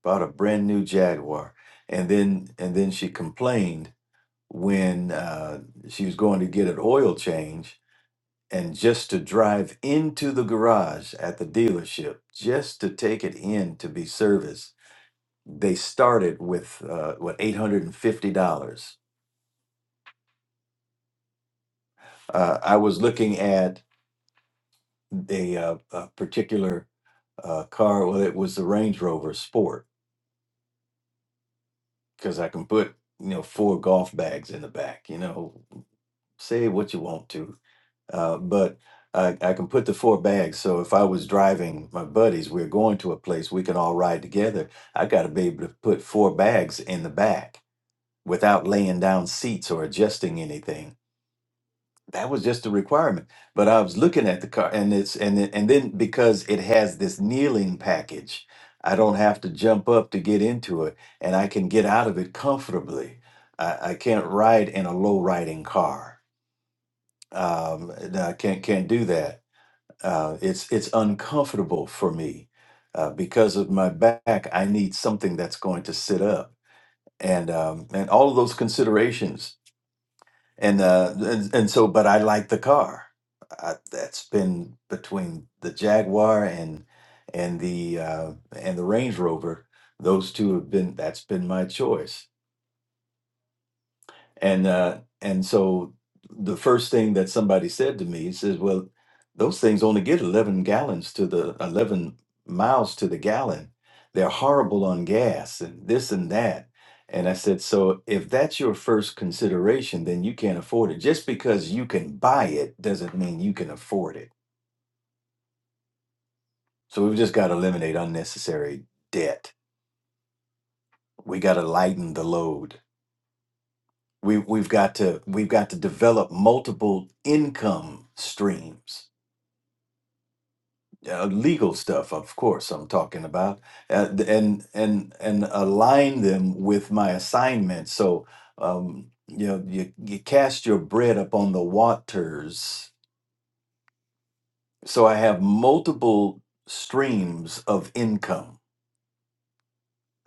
Speaker 3: bought a brand new Jaguar, and then and then she complained when uh, she was going to get an oil change and just to drive into the garage at the dealership just to take it in to be serviced they started with uh, what $850 uh, i was looking at a, uh, a particular uh, car well it was the range rover sport because i can put you know four golf bags in the back you know say what you want to Uh, but I, I can put the four bags. So if I was driving my buddies, we're going to a place, we can all ride together. I got to be able to put four bags in the back without laying down seats or adjusting anything. That was just a requirement. But I was looking at the car, and it's and it- and then because it has this kneeling package, I don't have to jump up to get into it, and I can get out of it comfortably. I, I can't ride in a low riding car. Um, I can't can't do that uh, it's it's uncomfortable for me uh, because of my back. I need something that's going to sit up, and um, and all of those considerations, and uh, and and so. But I like the car. I, that's been between the Jaguar and and the uh, and the Range Rover. Those two have been. That's been my choice And uh, and so the first thing that somebody said to me he says, "Well, those things only get eleven gallons to the eleven miles to the gallon. They're horrible on gas and this and that." And I said, "So if that's your first consideration, then you can't afford it. Just because you can buy it doesn't mean you can afford it. So we've just got to eliminate unnecessary debt. We got to lighten the load." We, we've got to we've got to develop multiple income streams uh, legal stuff, of course, I'm talking about, uh, th- and and and align them with my assignment. So, um, you know, you, you cast your bread upon the waters. So I have multiple streams of income.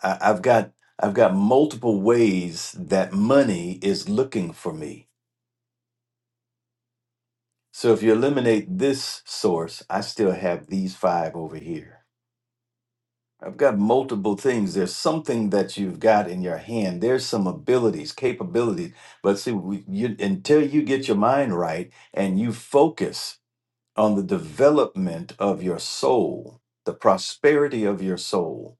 Speaker 3: I, I've got I've got multiple ways that money is looking for me. So if you eliminate this source, I still have these five over here. I've got multiple things. There's something that you've got in your hand. There's some abilities, capabilities. But see, we, you, until you get your mind right and you focus on the development of your soul, the prosperity of your soul,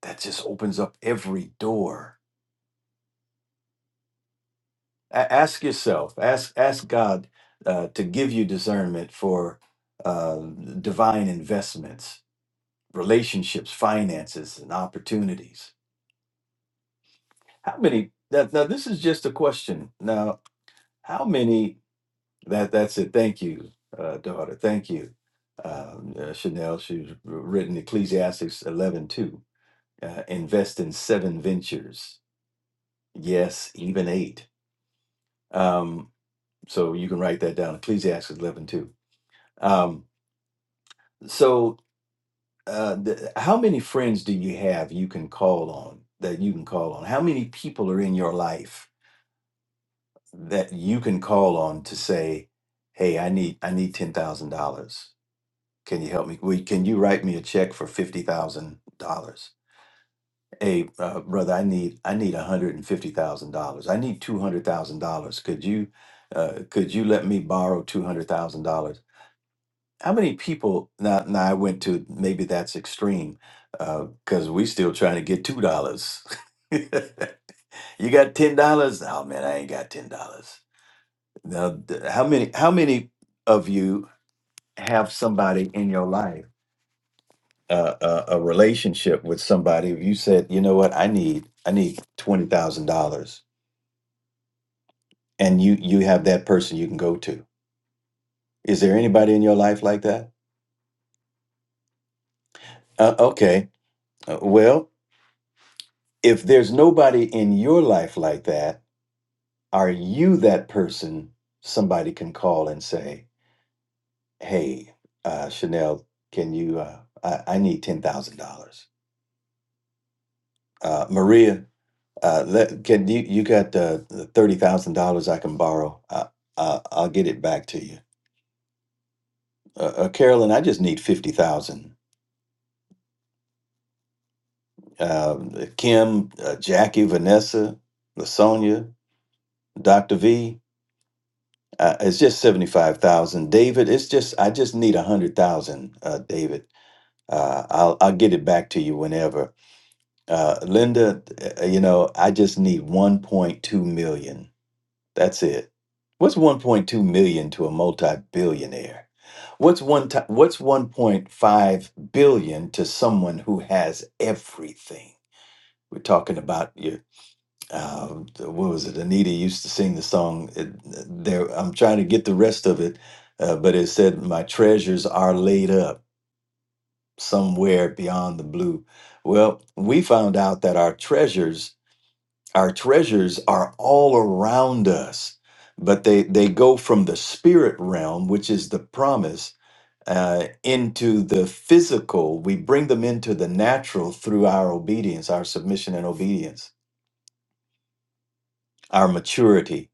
Speaker 3: that just opens up every door. A- ask yourself, ask ask God uh, to give you discernment for uh, divine investments, relationships, finances, and opportunities How many? That now this is just a question. Now, how many? That that's it. Thank you, uh, daughter. Thank you, um, uh, Chanel. She's written Ecclesiastes eleven two. Uh, invest in seven ventures. Yes, even eight. Um, so you can write that down. Ecclesiastes eleven two. Um, so, uh, the, how many friends do you have you can call on that you can call on? How many people are in your life? that you can call on to say, "Hey, I need I need ten thousand dollars. Can you help me? Will- Can you write me a check for fifty thousand dollars? Hey, uh, brother, I need I need one hundred and fifty thousand dollars. I need two hundred thousand dollars. Could you uh, could you let me borrow two hundred thousand dollars? How many people now? Now I went to maybe that's extreme because we still trying to get two dollars. you got ten dollars? Oh man, I ain't got ten dollars. Now, th- how many how many of you have somebody in your life, uh, uh, a relationship with somebody? If you said, you know what, I need I need twenty thousand dollars, and you you have that person you can go to. Is there anybody in your life like that? Uh, okay, Uh, well, if there's nobody in your life like that, are you that person somebody can call and say, hey, uh, Chanel, can you? Uh, I, I need ten thousand dollars. Uh, Maria, Uh, let, can you you got uh, thirty thousand dollars I can borrow? I, I I'll get it back to you. Uh, uh, Carolyn, I just need fifty thousand. Uh, Kim, uh, Jackie, Vanessa, Lasonia, Doctor V. Uh, it's just seventy five thousand. David, it's just I just need a hundred thousand. Uh, David, uh, I'll I'll get it back to you whenever. Uh, Linda, uh, you know I just need one point two million That's it. What's 1.2 million to a multi-billionaire? What's one ti what's 1.5 billion to someone who has everything? We're talking about your uh, what was it? Anita used to sing the song. It, there, I'm trying to get the rest of it, uh, but it said, "My treasures are laid up somewhere beyond the blue." Well, we found out that our treasures our treasures are all around us but they they go from the spirit realm which is the promise uh, into the physical we bring them into the natural through our obedience our submission and obedience our maturity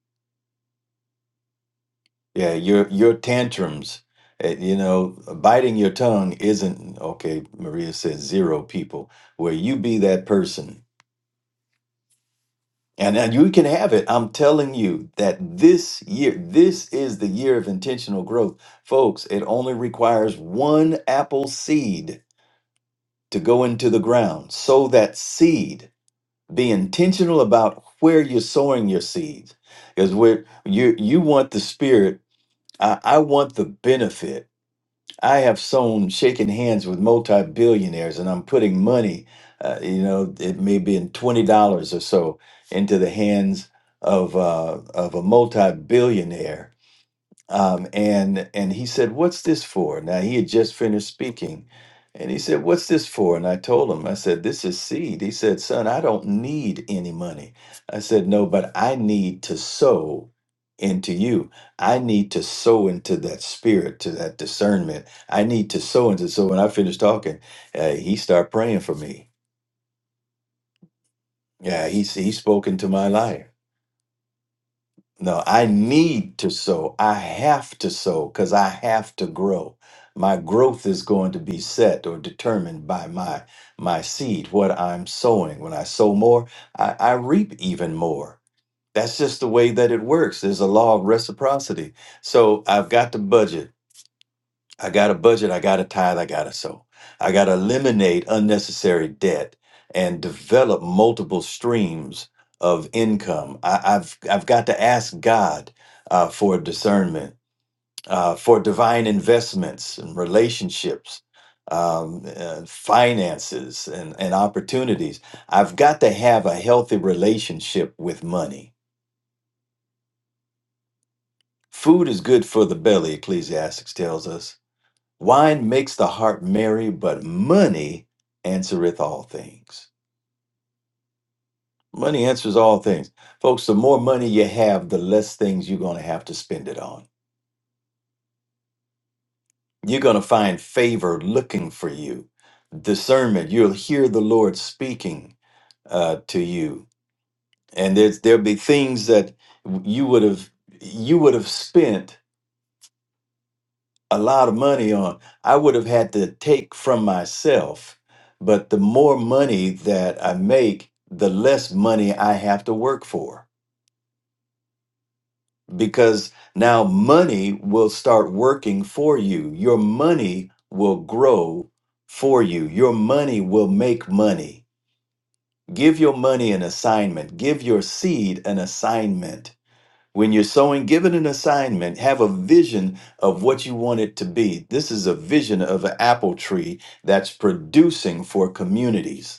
Speaker 3: yeah your your tantrums eh, you know biting your tongue isn't okay maria says zero people where you be that person And, and you can have it. I'm telling you that this year, this is the year of intentional growth. Folks, it only requires one apple seed to go into the ground. Sow that seed. Be intentional about where you're sowing your seeds. Because where you you want the spirit. I, I want the benefit. I have sown shaking hands with multi-billionaires and I'm putting money, uh, you know, it may be in $20 or so into the hands of, uh, of a multi-billionaire um, and and he said, "What's this for?" Now he had just finished speaking, and he said, "What's this for?" And I told him, I said, "This is seed." He said, "Son, I don't need any money." I said, "No, but I need to sow into you. I need to sow into that spirit, to that discernment. I need to sow into." So when I finished talking, uh, he started praying for me. Yeah, he he spoke into my life. No, I need to sow. I have to sow because I have to grow. My growth is going to be set or determined by my my seed, what I'm sowing. When I sow more, I, I reap even more. That's just the way that it works. There's a law of reciprocity. So I've got to budget. I got a budget, I got a tithe, I got to sow. I got to eliminate unnecessary debt and develop multiple streams of income. I, I've I've got to ask God uh, for discernment, uh, for divine investments and relationships, um, uh, finances, and, and opportunities. I've got to have a healthy relationship with money. Food is good for the belly, Ecclesiastics tells us Wine makes the heart merry, but money answereth all things. Money answers all things. Folks, the more money you have, the less things you're going to have to spend it on. You're going to find favor looking for you, discernment. You'll hear the Lord speaking uh, to you. And there's, there'll be things that you would have you would have spent a lot of money on, I would have had to take from myself. But the more money that I make, the less money I have to work for because now money will start working for you. Your money will grow for you. Your money will make money. Give your money an assignment, give your seed an assignment When you're sowing, give it an assignment. Have a vision of what you want it to be. This is a vision of an apple tree that's producing for communities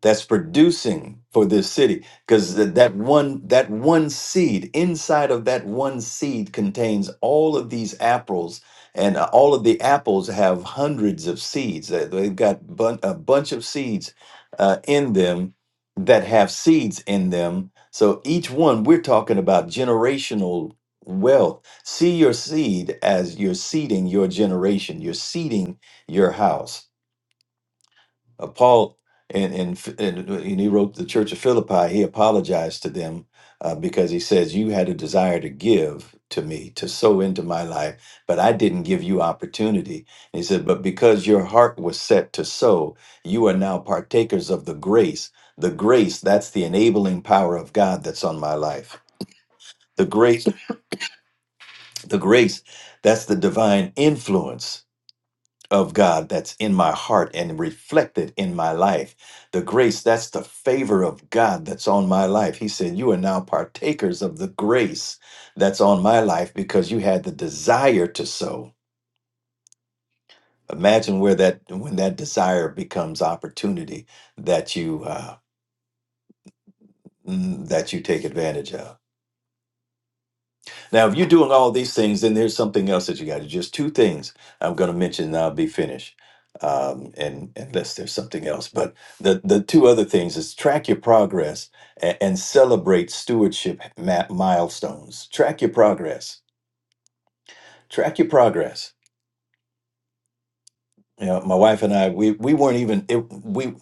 Speaker 3: that's producing for this city because that one that one seed inside of that one seed contains all of these apples and uh, all of the apples have hundreds of seeds Uh, they've got bun- a bunch of seeds uh, in them that have seeds in them so each one we're talking about generational wealth see your seed as you're seeding your generation you're seeding your house uh, Paul and, and and uh, and he wrote the Church of Philippi. He apologized to them uh, because he says, "You had a desire to give to me, to sow into my life, but I didn't give you opportunity." And he said, "But because your heart was set to sow, you are now partakers of the grace. The grace that's the enabling power of God that's on my life. The grace, the grace, that's the divine influence." of God that's in my heart and reflected in my life. The grace, that's the favor of God that's on my life. He said, You are now partakers of the grace that's on my life because you had the desire to sow. Imagine where that when that desire becomes opportunity that you uh, mm, that you take advantage of. Now, if you're doing all these things, then there's something else that you got to. Just two things I'm going to mention, and I'll be finished. Um, and unless there's something else, but the the two other things is track your progress and, and celebrate stewardship ma- milestones. Track your progress. Track your progress. You know, my wife and I, we we weren't even it, we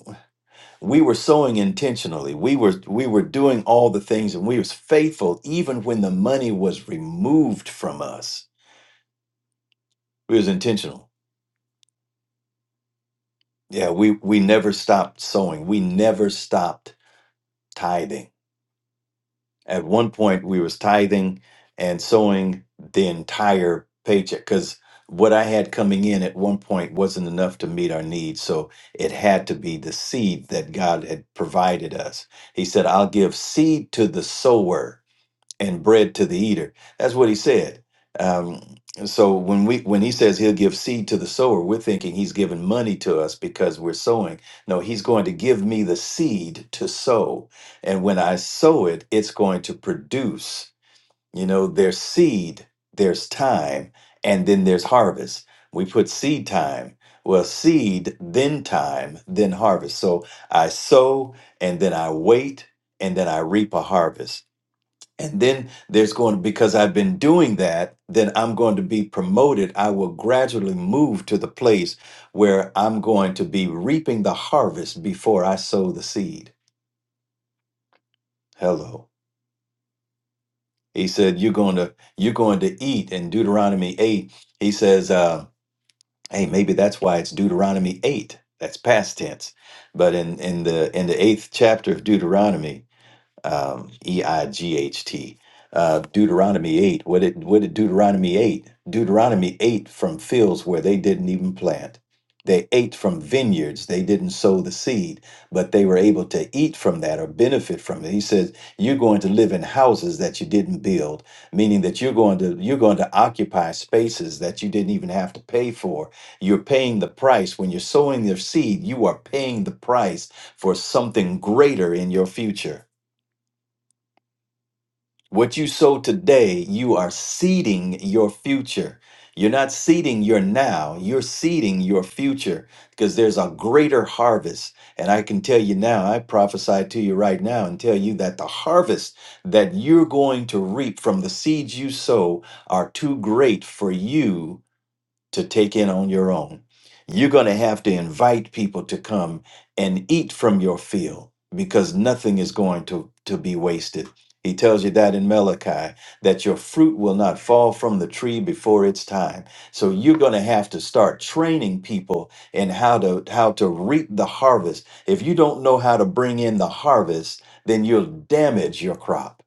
Speaker 3: we were sowing intentionally. We were we were doing all the things, and we was faithful even when the money was removed from us. We was intentional Yeah, we we never stopped sowing. We never stopped tithing. At one point, we was tithing and sowing the entire paycheck because what I had coming in at one point wasn't enough to meet our needs. So it had to be the seed that God had provided us. He said, "I'll give seed to the sower." and bread to the eater. That's what he said. Um, so when we when he says he'll give seed to the sower, we're thinking he's giving money to us because we're sowing. No, he's going to give me the seed to sow, and when I sow it, it's going to produce. You know, there's seed, there's time, and then there's harvest. We put seed time. Well, seed, then time, then harvest. So I sow, and then I wait, and then I reap a harvest and then there's going because I've been doing that, then I'm going to be promoted. I will gradually move to the place where I'm going to be reaping the harvest before I sow the seed. Hello. He said, You're going to, you're going to eat. In Deuteronomy 8, he says, uh, hey, maybe that's why it's Deuteronomy 8. That's past tense. But in, in the in the eighth chapter of Deuteronomy, um, E I G H T. Uh, Deuteronomy eight. What did what did Deuteronomy eight? Deuteronomy eight from fields where they didn't even plant. They ate from vineyards. They didn't sow the seed, but they were able to eat from that or benefit from it. He says, "You're going to live in houses that you didn't build, meaning that you're going to you're going to occupy spaces that you didn't even have to pay for. You're paying the price when you're sowing your seed. You are paying the price for something greater in your future." What you sow today, you are seeding your future. You're not seeding your now, you're seeding your future because there's a greater harvest. And I can tell you now, I prophesy to you right now and tell you that the harvest that you're going to reap from the seeds you sow are too great for you to take in on your own. You're going to have to invite people to come and eat from your field because nothing is going to, to be wasted. He tells you that in Malachi, that your fruit will not fall from the tree before its time. So you're going to have to start training people in how to how to reap the harvest. If you don't know how to bring in the harvest, then you'll damage your crop.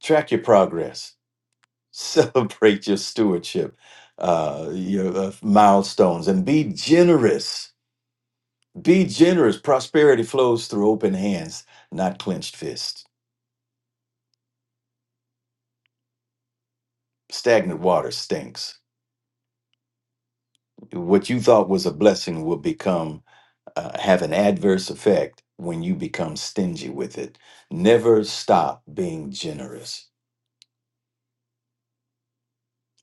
Speaker 3: Track your progress celebrate your stewardship, uh, your uh, milestones, and be generous. Be generous. Prosperity flows through open hands, not clenched fists. Stagnant water stinks. What you thought was a blessing will become uh, have an adverse effect when you become stingy with it. Never stop being generous.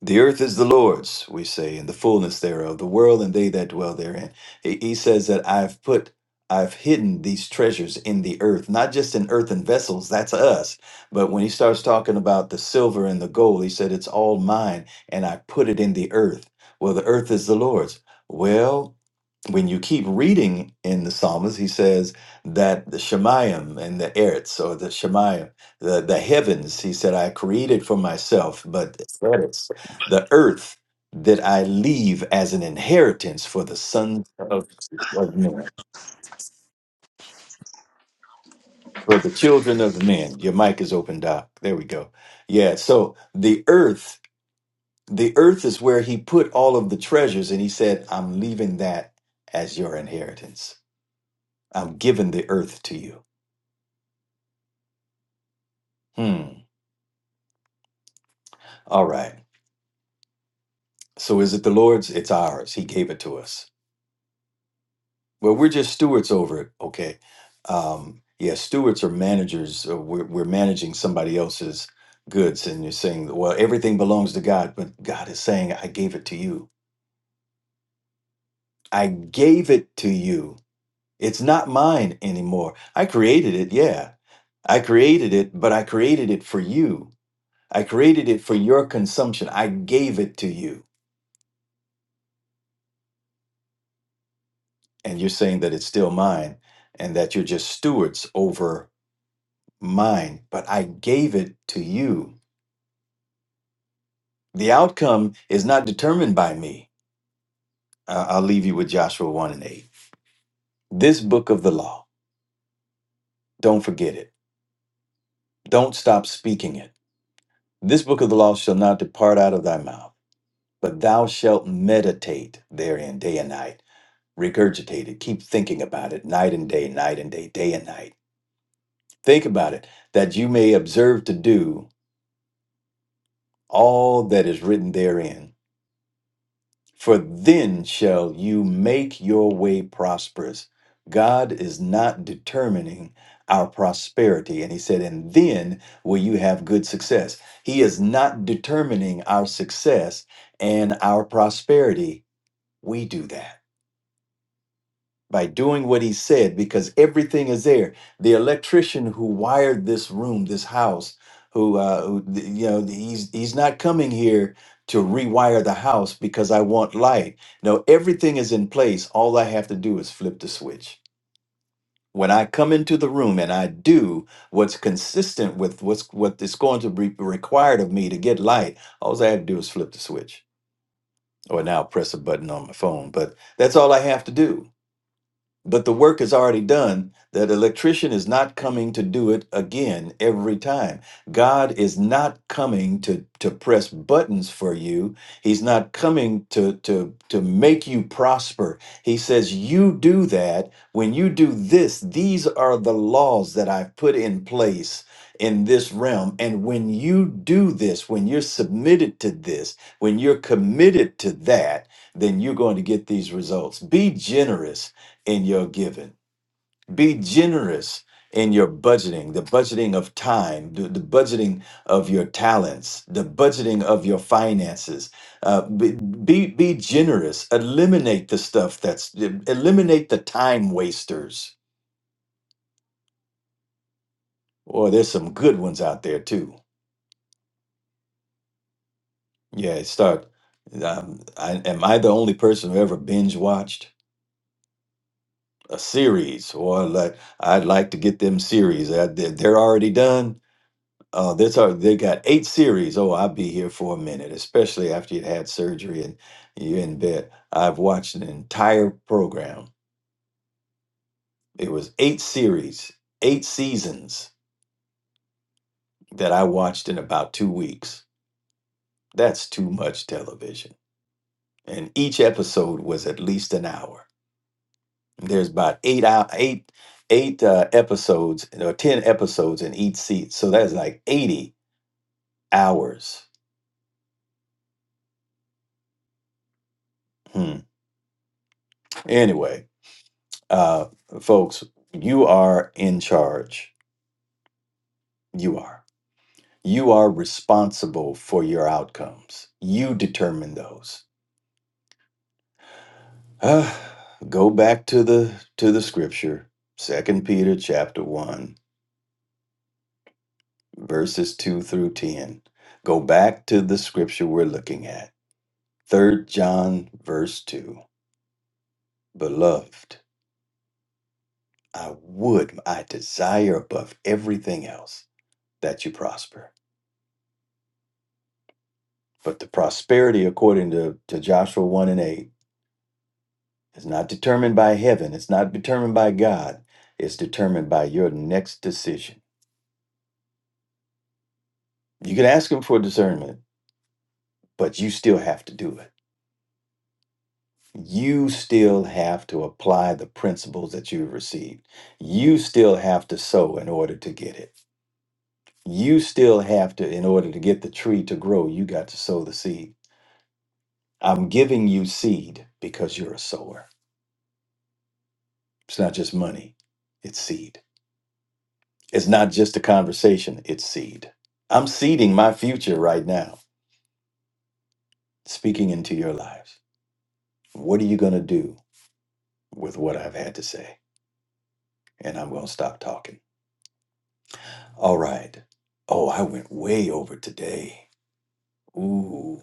Speaker 3: The earth is the Lord's, we say, and the fullness thereof, the world and they that dwell therein. He, he says that I've put, I've hidden these treasures in the earth, not just in earthen vessels, that's us. But when he starts talking about the silver and the gold, he said, It's all mine, and I put it in the earth. Well, the earth is the Lord's. Well, when you keep reading in the psalms he says that the shemayim and the eretz or the shemayim the, the heavens he said i created for myself but eretz, the earth that i leave as an inheritance for the sons of, of men for the children of men your mic is open doc there we go yeah so the earth the earth is where he put all of the treasures and he said i'm leaving that as your inheritance i'm giving the earth to you hmm All right. So is it the Lord's? It's ours. He gave it to us. Well, we're just stewards over it. Okay. Um, yeah, stewards are managers. uh, We're, we're managing somebody else's goods. And you're saying, well, everything belongs to God. But God is saying, I gave it to you. I gave it to you. It's not mine anymore. I created it. Yeah. I created it, but I created it for you. I created it for your consumption. I gave it to you. and you're saying that it's still mine and that you're just stewards over mine but i gave it to you the outcome is not determined by me I- i'll leave you with joshua 1 and 8 this book of the law don't forget it don't stop speaking it this book of the law shall not depart out of thy mouth but thou shalt meditate therein day and night regurgitate it keep thinking about it night and day night and day day and night think about it that you may observe to do all that is written therein. For then shall you make your way prosperous. God is not determining our prosperity. And he said, and then will you have good success. He is not determining our success and our prosperity. We do that. by doing what he said because everything is there. The electrician who wired this room, this house, who, uh, who th- you know, he's he's not coming here to rewire the house because I want light. No, everything is in place. All I have to do is flip the switch. When I come into the room and I do what's consistent with what's what is going to be required of me to get light, all I have to do is flip the switch. Or now press a button on my phone. But that's all I have to do but the work is already done. That electrician is not coming to do it again every time. God is not coming to to press buttons for you. He's not coming to to to make you prosper. He says you do that when you do this. These are the laws that I've put in place in this realm and when you do this when you're submitted to this when you're committed to that then you're going to get these results be generous in your giving. Be generous in your budgeting, the budgeting of time, the, the budgeting of your talents, the budgeting of your finances. Uh, be, be be generous. Eliminate the stuff that's eliminate the time wasters. Or there's some good ones out there too. Yeah, start. Um, I, am I the only person who ever binge watched a series, or like I'd like to get them series? Uh, they- they're already done Uh, that's our, they got eight series. Oh, I'll be here for a minute, especially after you'd had surgery and you're in bed. I've watched an entire program. It was eight series, eight seasons that I watched in about two weeks. That's too much television. And each episode was at least an hour. There's about eight out eight eight uh, episodes or ten episodes in each seat, so that's like eighty hours. Hmm. Anyway, uh, folks, you are in charge. You are. You are responsible for your outcomes. You determine those. Ah, go back to the to the scripture, Second Peter chapter one, verses two through ten. Go back to the scripture we're looking at, Third John verse two. Beloved, I would, I desire above everything else that you prosper But the prosperity, according to, to Joshua 1 and 8, is not determined by heaven. It's not determined by God. It's determined by your next decision. You can ask Him for discernment, but you still have to do it. You still have to apply the principles that you've received. You still have to sow in order to get it. You still have to, in order to get the tree to grow, you got to sow the seed. I'm giving you seed because you're a sower. It's not just money, it's seed. It's not just a conversation, it's seed. I'm seeding my future right now, speaking into your lives. What are you going to do with what I've had to say? And I'm going to stop talking. All right. Oh, I went way over today. Ooh,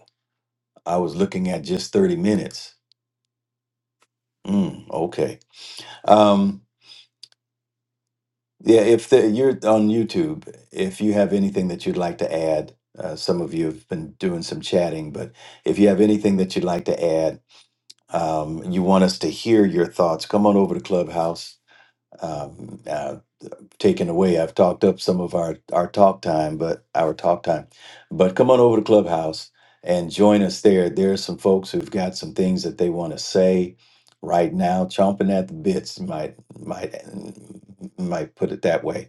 Speaker 3: I was looking at just 30 minutes. Mm, okay. Um, yeah, if the, you're on YouTube, if you have anything that you'd like to add, uh, some of you have been doing some chatting, but if you have anything that you'd like to add, um, you want us to hear your thoughts, come on over to Clubhouse. Um, uh, taken away, I've talked up some of our our talk time, but our talk time, but come on over to Clubhouse and join us there. There's some folks who've got some things that they want to say right now, chomping at the bits. Might might might put it that way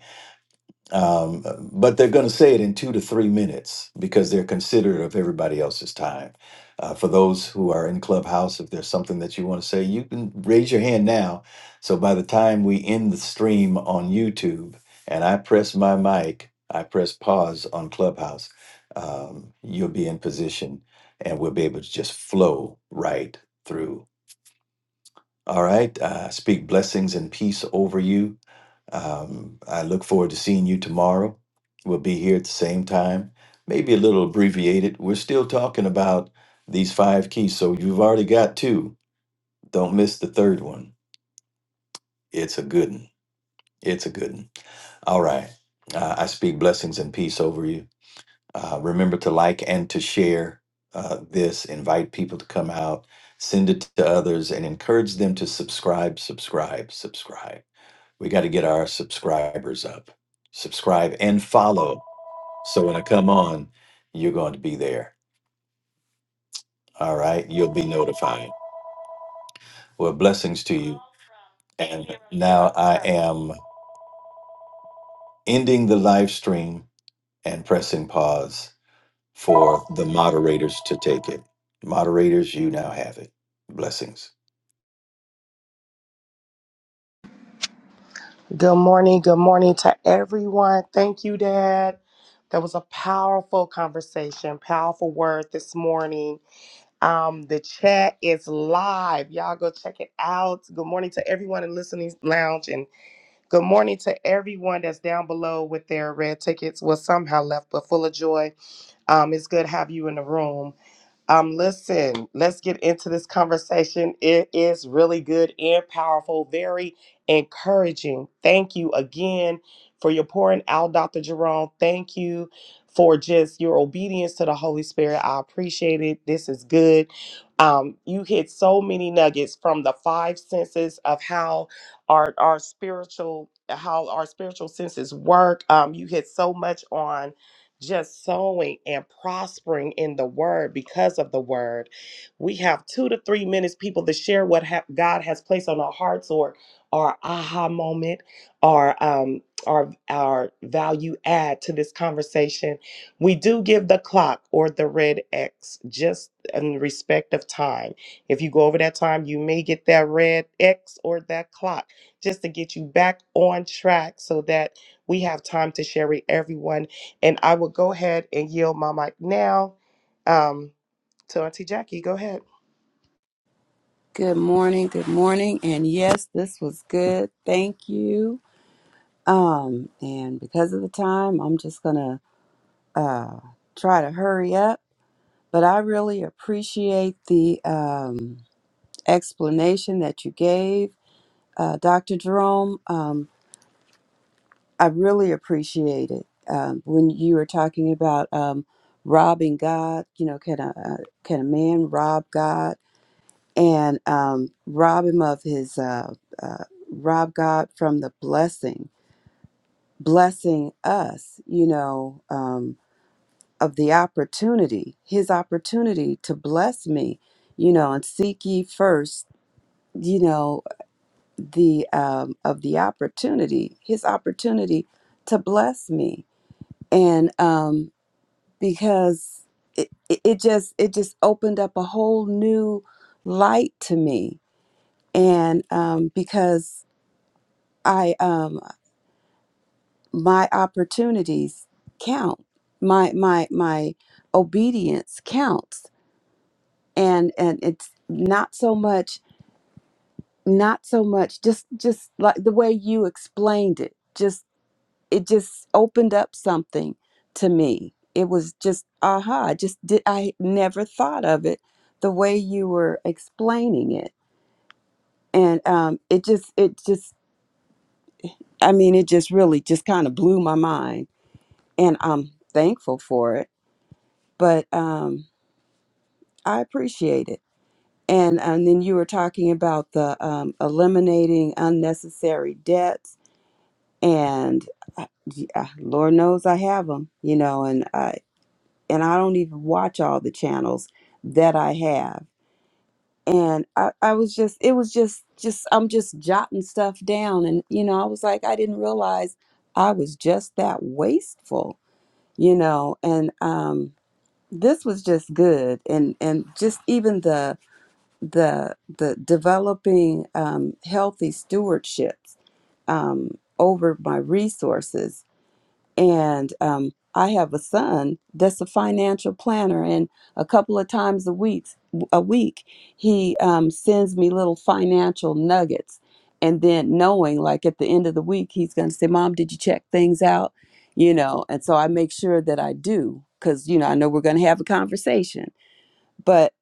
Speaker 3: um, but they're going to say it in two to three minutes because they're considerate of everybody else's time. Uh, for those who are in Clubhouse, if there's something that you want to say, you can raise your hand now. So by the time we end the stream on YouTube and I press my mic, I press pause on Clubhouse, um, you'll be in position and we'll be able to just flow right through. All right. Uh, speak blessings and peace over you um, I look forward to seeing you tomorrow. We'll be here at the same time, maybe a little abbreviated. We're still talking about these five keys, so you've already got two. Don't miss the third one. It's a good one. It's a good one. All right. Uh, I speak blessings and peace over you. Uh, remember to like and to share uh, this, invite people to come out, send it to others, and encourage them to subscribe, subscribe, subscribe. We got to get our subscribers up. Subscribe and follow. So when I come on, you're going to be there. All right. You'll be notified. Well, blessings to you. And now I am ending the live stream and pressing pause for the moderators to take it. Moderators, you now have it. Blessings.
Speaker 4: Good morning. Good morning to everyone. Thank you, Dad. That was a powerful conversation, powerful word this morning. Um, the chat is live. Y'all go check it out. Good morning to everyone in listening lounge, and good morning to everyone that's down below with their red tickets. Was somehow left, but full of joy. Um, it's good to have you in the room. Um, listen, let's get into this conversation. It is really good and powerful, very encouraging. Thank you again for your pouring out, Dr. Jerome. Thank you for just your obedience to the Holy Spirit. I appreciate it. This is good. Um, you hit so many nuggets from the five senses of how our our spiritual how our spiritual senses work. Um, you hit so much on just sowing and prospering in the word because of the word. We have two to three minutes, people, to share what ha- God has placed on our hearts or our aha moment or um, our, our value add to this conversation. We do give the clock or the red X just in respect of time. If you go over that time, you may get that red X or that clock just to get you back on track so that we have time to share with everyone and I will go ahead and yield my mic now um, to Auntie Jackie. Go ahead.
Speaker 2: Good morning. Good morning. And yes, this was good. Thank you. Um, and because of the time, I'm just gonna uh, try to hurry up, but I really appreciate the um, explanation that you gave, uh, Dr. Jerome. Um, I really appreciate it um, when you were talking about um, robbing God. You know, can a uh, can a man rob God and um, rob him of his uh, uh, rob God from the blessing, blessing us? You know. Um, of the opportunity, his opportunity to bless me, you know, and seek ye first, you know, the um, of the opportunity, his opportunity to bless me, and um, because it, it it just it just opened up a whole new light to me, and um, because I um, my opportunities count, my my my obedience counts and and it's not so much not so much just just like the way you explained it just it just opened up something to me it was just aha I just did i never thought of it the way you were explaining it and um it just it just i mean it just really just kind of blew my mind and i'm thankful for it but um i appreciate it And and then you were talking about the um, eliminating unnecessary debts, and I, yeah, Lord knows I have them, you know, and I and I don't even watch all the channels that I have. And I, I was just, it was just, just I'm just jotting stuff down, and you know, I was like, I didn't realize I was just that wasteful, you know, and um, this was just good, and and just even the the the developing um, healthy stewardships um, over my resources. And um, I have a son that's a financial planner, and a couple of times a week, a week, he um, sends me little financial nuggets. And then knowing, like at the end of the week, he's going to say, "Mom, did you check things out?" You know, and so I make sure that I do because you know I know we're going to have a conversation. but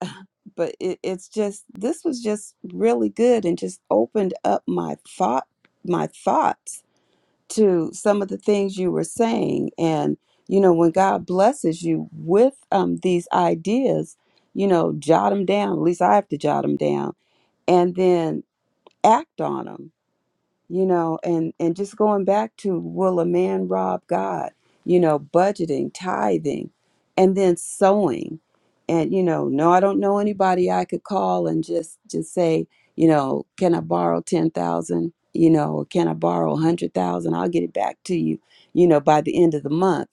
Speaker 2: but it, it's just this was just really good and just opened up my thought my thoughts to some of the things you were saying and you know when god blesses you with um, these ideas you know jot them down at least i have to jot them down and then act on them you know and and just going back to will a man rob god you know budgeting tithing and then sowing and you know no i don't know anybody i could call and just just say you know can i borrow 10,000 you know or can i borrow a 100,000 i'll get it back to you you know by the end of the month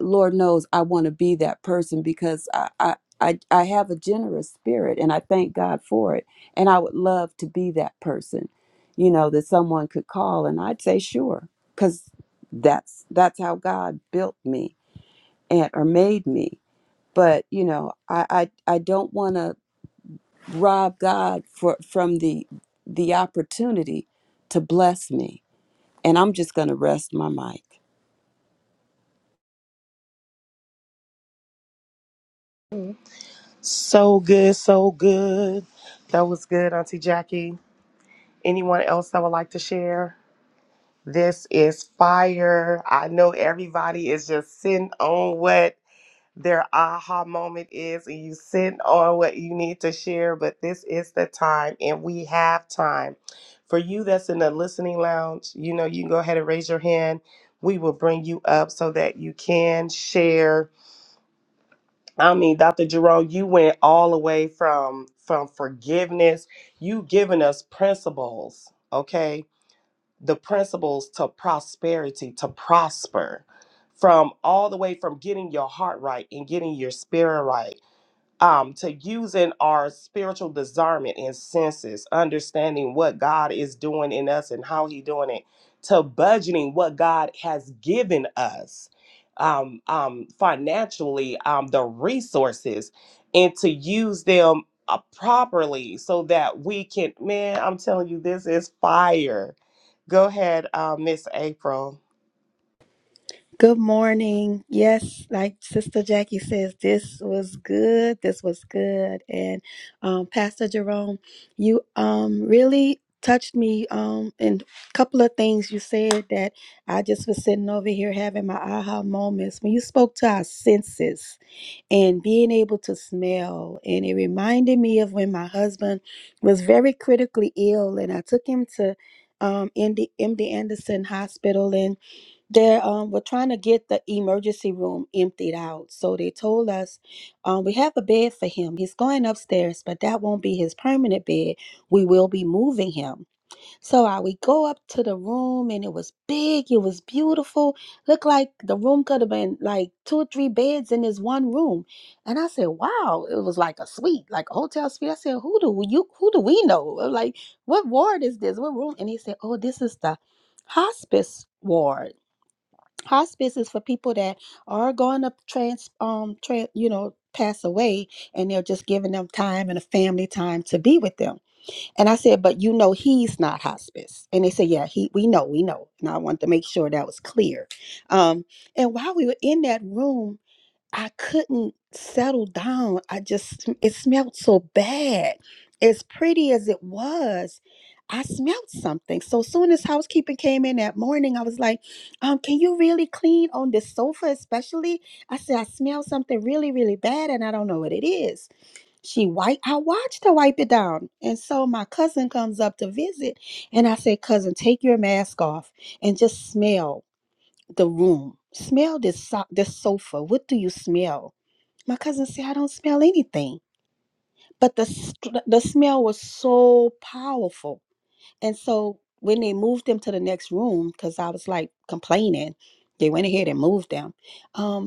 Speaker 2: Lord knows I want to be that person because I, I I I have a generous spirit and I thank God for it. And I would love to be that person, you know, that someone could call and I'd say sure cuz that's that's how God built me and or made me. But, you know, I I, I don't want to rob God for from the the opportunity to bless me. And I'm just going to rest my mic.
Speaker 4: So good, so good. That was good, Auntie Jackie. Anyone else that would like to share? This is fire. I know everybody is just sitting on what their aha moment is and you sit on what you need to share but this is the time and we have time for you that's in the listening lounge you know you can go ahead and raise your hand we will bring you up so that you can share i mean dr jerome you went all the way from from forgiveness you giving us principles okay the principles to prosperity to prosper from all the way from getting your heart right and getting your spirit right um, to using our spiritual discernment and senses, understanding what God is doing in us and how He doing it, to budgeting what God has given us um, um, financially, um, the resources, and to use them uh, properly so that we can. Man, I'm telling you, this is fire. Go ahead, uh, Miss April.
Speaker 6: Good morning. Yes, like Sister Jackie says, this was good. This was good. And um, Pastor Jerome, you um, really touched me um, in a couple of things you said that I just was sitting over here having my aha moments. When you spoke to our senses and being able to smell, and it reminded me of when my husband was very critically ill, and I took him to um, MD, MD Anderson Hospital, and they um, were trying to get the emergency room emptied out. So they told us, um, we have a bed for him. He's going upstairs, but that won't be his permanent bed. We will be moving him. So I we go up to the room and it was big, it was beautiful. Looked like the room could have been like two or three beds in this one room. And I said, Wow, it was like a suite, like a hotel suite. I said, Who do we- you who do we know? Like, what ward is this? What room? And he said, Oh, this is the hospice ward hospice is for people that are going to trans um tran you know pass away and they're just giving them time and a family time to be with them and i said but you know he's not hospice and they said yeah he we know we know and i wanted to make sure that was clear um and while we were in that room I couldn't settle down. I just, it smelled so bad. As pretty as it was, I smelled something. So soon as housekeeping came in that morning, I was like, um, can you really clean on this sofa, especially? I said, I smell something really, really bad and I don't know what it is. She wipe I watched her wipe it down. And so my cousin comes up to visit and I said, cousin, take your mask off and just smell the room. Smell this so- this sofa. What do you smell? My cousin said, I don't smell anything. But the, str- the smell was so powerful. And so when they moved them to the next room, because I was like complaining, they went ahead and moved them. Um,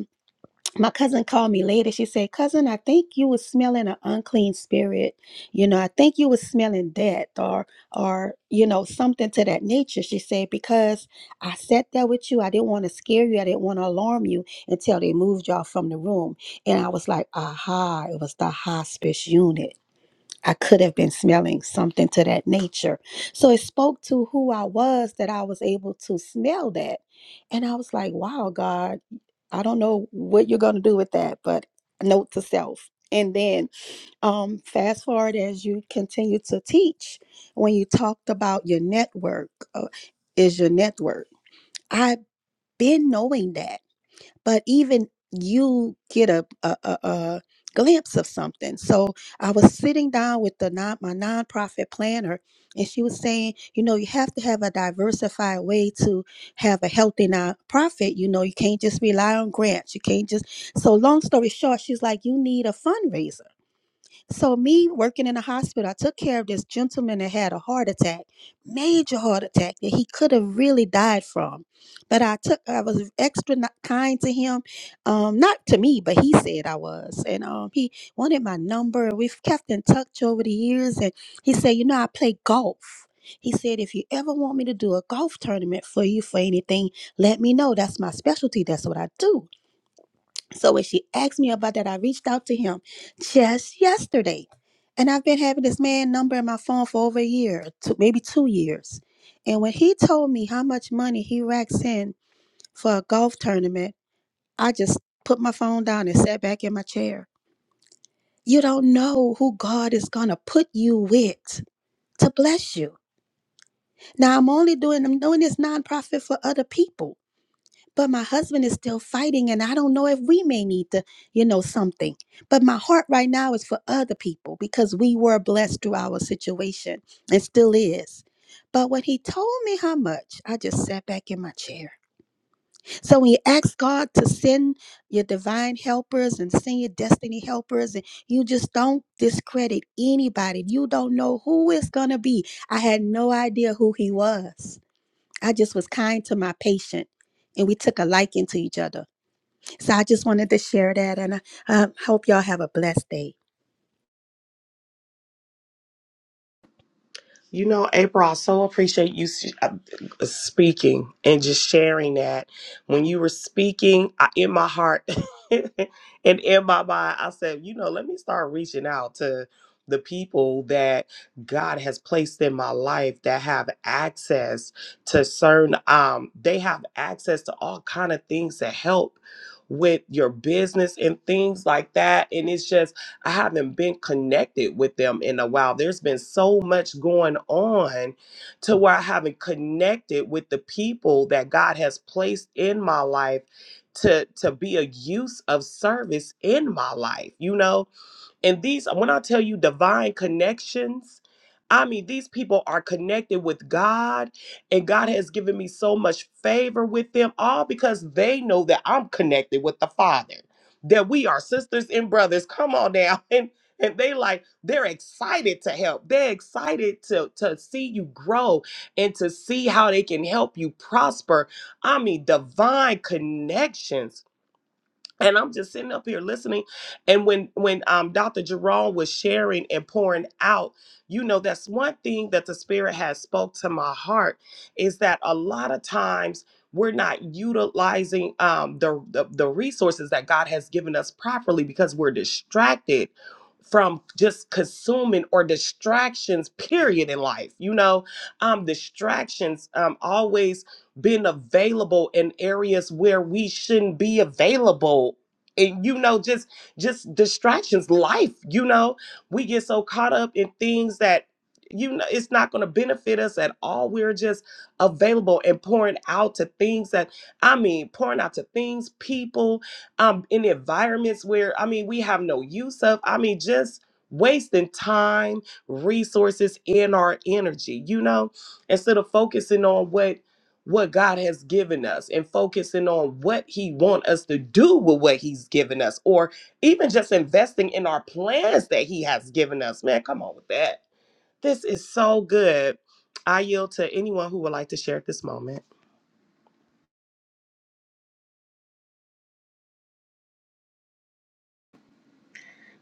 Speaker 6: my cousin called me later. She said, Cousin, I think you was smelling an unclean spirit. You know, I think you was smelling death or or, you know, something to that nature. She said, because I sat there with you. I didn't want to scare you. I didn't want to alarm you until they moved y'all from the room. And I was like, aha, it was the hospice unit. I could have been smelling something to that nature. So it spoke to who I was that I was able to smell that. And I was like, wow, God I don't know what you're going to do with that, but note to self. And then um, fast forward as you continue to teach, when you talked about your network, uh, is your network. I've been knowing that but even you get a, a, a, a glimpse of something. So I was sitting down with the non, my nonprofit planner, and she was saying, you know, you have to have a diversified way to have a healthy nonprofit. You know, you can't just rely on grants. You can't just. So long story short, she's like, you need a fundraiser. So me working in the hospital, I took care of this gentleman that had a heart attack, major heart attack that he could have really died from. But I took, I was extra ni- kind to him, um, not to me, but he said I was, and um, he wanted my number. We've kept in touch over the years, and he said, you know, I play golf. He said, if you ever want me to do a golf tournament for you for anything, let me know. That's my specialty. That's what I do. So when she asked me about that, I reached out to him just yesterday. And I've been having this man number in my phone for over a year, two, maybe two years. And when he told me how much money he racks in for a golf tournament, I just put my phone down and sat back in my chair. You don't know who God is going to put you with to bless you. Now, I'm only doing, I'm doing this nonprofit for other people. but my husband is still fighting and i don't know if we may need to you know something but my heart right now is for other people because we were blessed through our situation and still is but when he told me how much i just sat back in my chair so when you ask god to send your divine helpers and send your destiny helpers and you just don't discredit anybody you don't know who it's gonna be i had no idea who he was I just was kind to my patient and we took a liking to each other. So I just wanted to share that and I um, hope y'all have a blessed day.
Speaker 4: You know, April, I so appreciate you s- uh, speaking and just sharing that. When you were speaking, I, in my heart and in my mind, I said, you know, let me start reaching out to the people that God has placed in my life that have access to certain um they have access to all kind of things that help with your business and things like that and it's just I haven't been connected with them in a while. There's been so much going on to where I haven't connected with the people that God has placed in my life to to be a use of service in my life. You know, and these, when I tell you divine connections, I mean, these people are connected with God, and God has given me so much favor with them, all because they know that I'm connected with the Father, that we are sisters and brothers. Come on now. And and they like, they're excited to help. They're excited to, to see you grow and to see how they can help you prosper. I mean, divine connections and I'm just sitting up here listening. And when when um Dr. Jerome was sharing and pouring out, you know, that's one thing that the Spirit has spoke to my heart is that a lot of times we're not utilizing um the the, the resources that God has given us properly because we're distracted from just consuming or distractions period in life you know um distractions um always been available in areas where we shouldn't be available and you know just just distractions life you know we get so caught up in things that you know it's not going to benefit us at all we're just available and pouring out to things that i mean pouring out to things people um in environments where i mean we have no use of i mean just wasting time resources and our energy you know instead of focusing on what what God has given us and focusing on what he want us to do with what he's given us or even just investing in our plans that he has given us. Man, come on with that. This is so good. I yield to anyone who would like to share at this moment.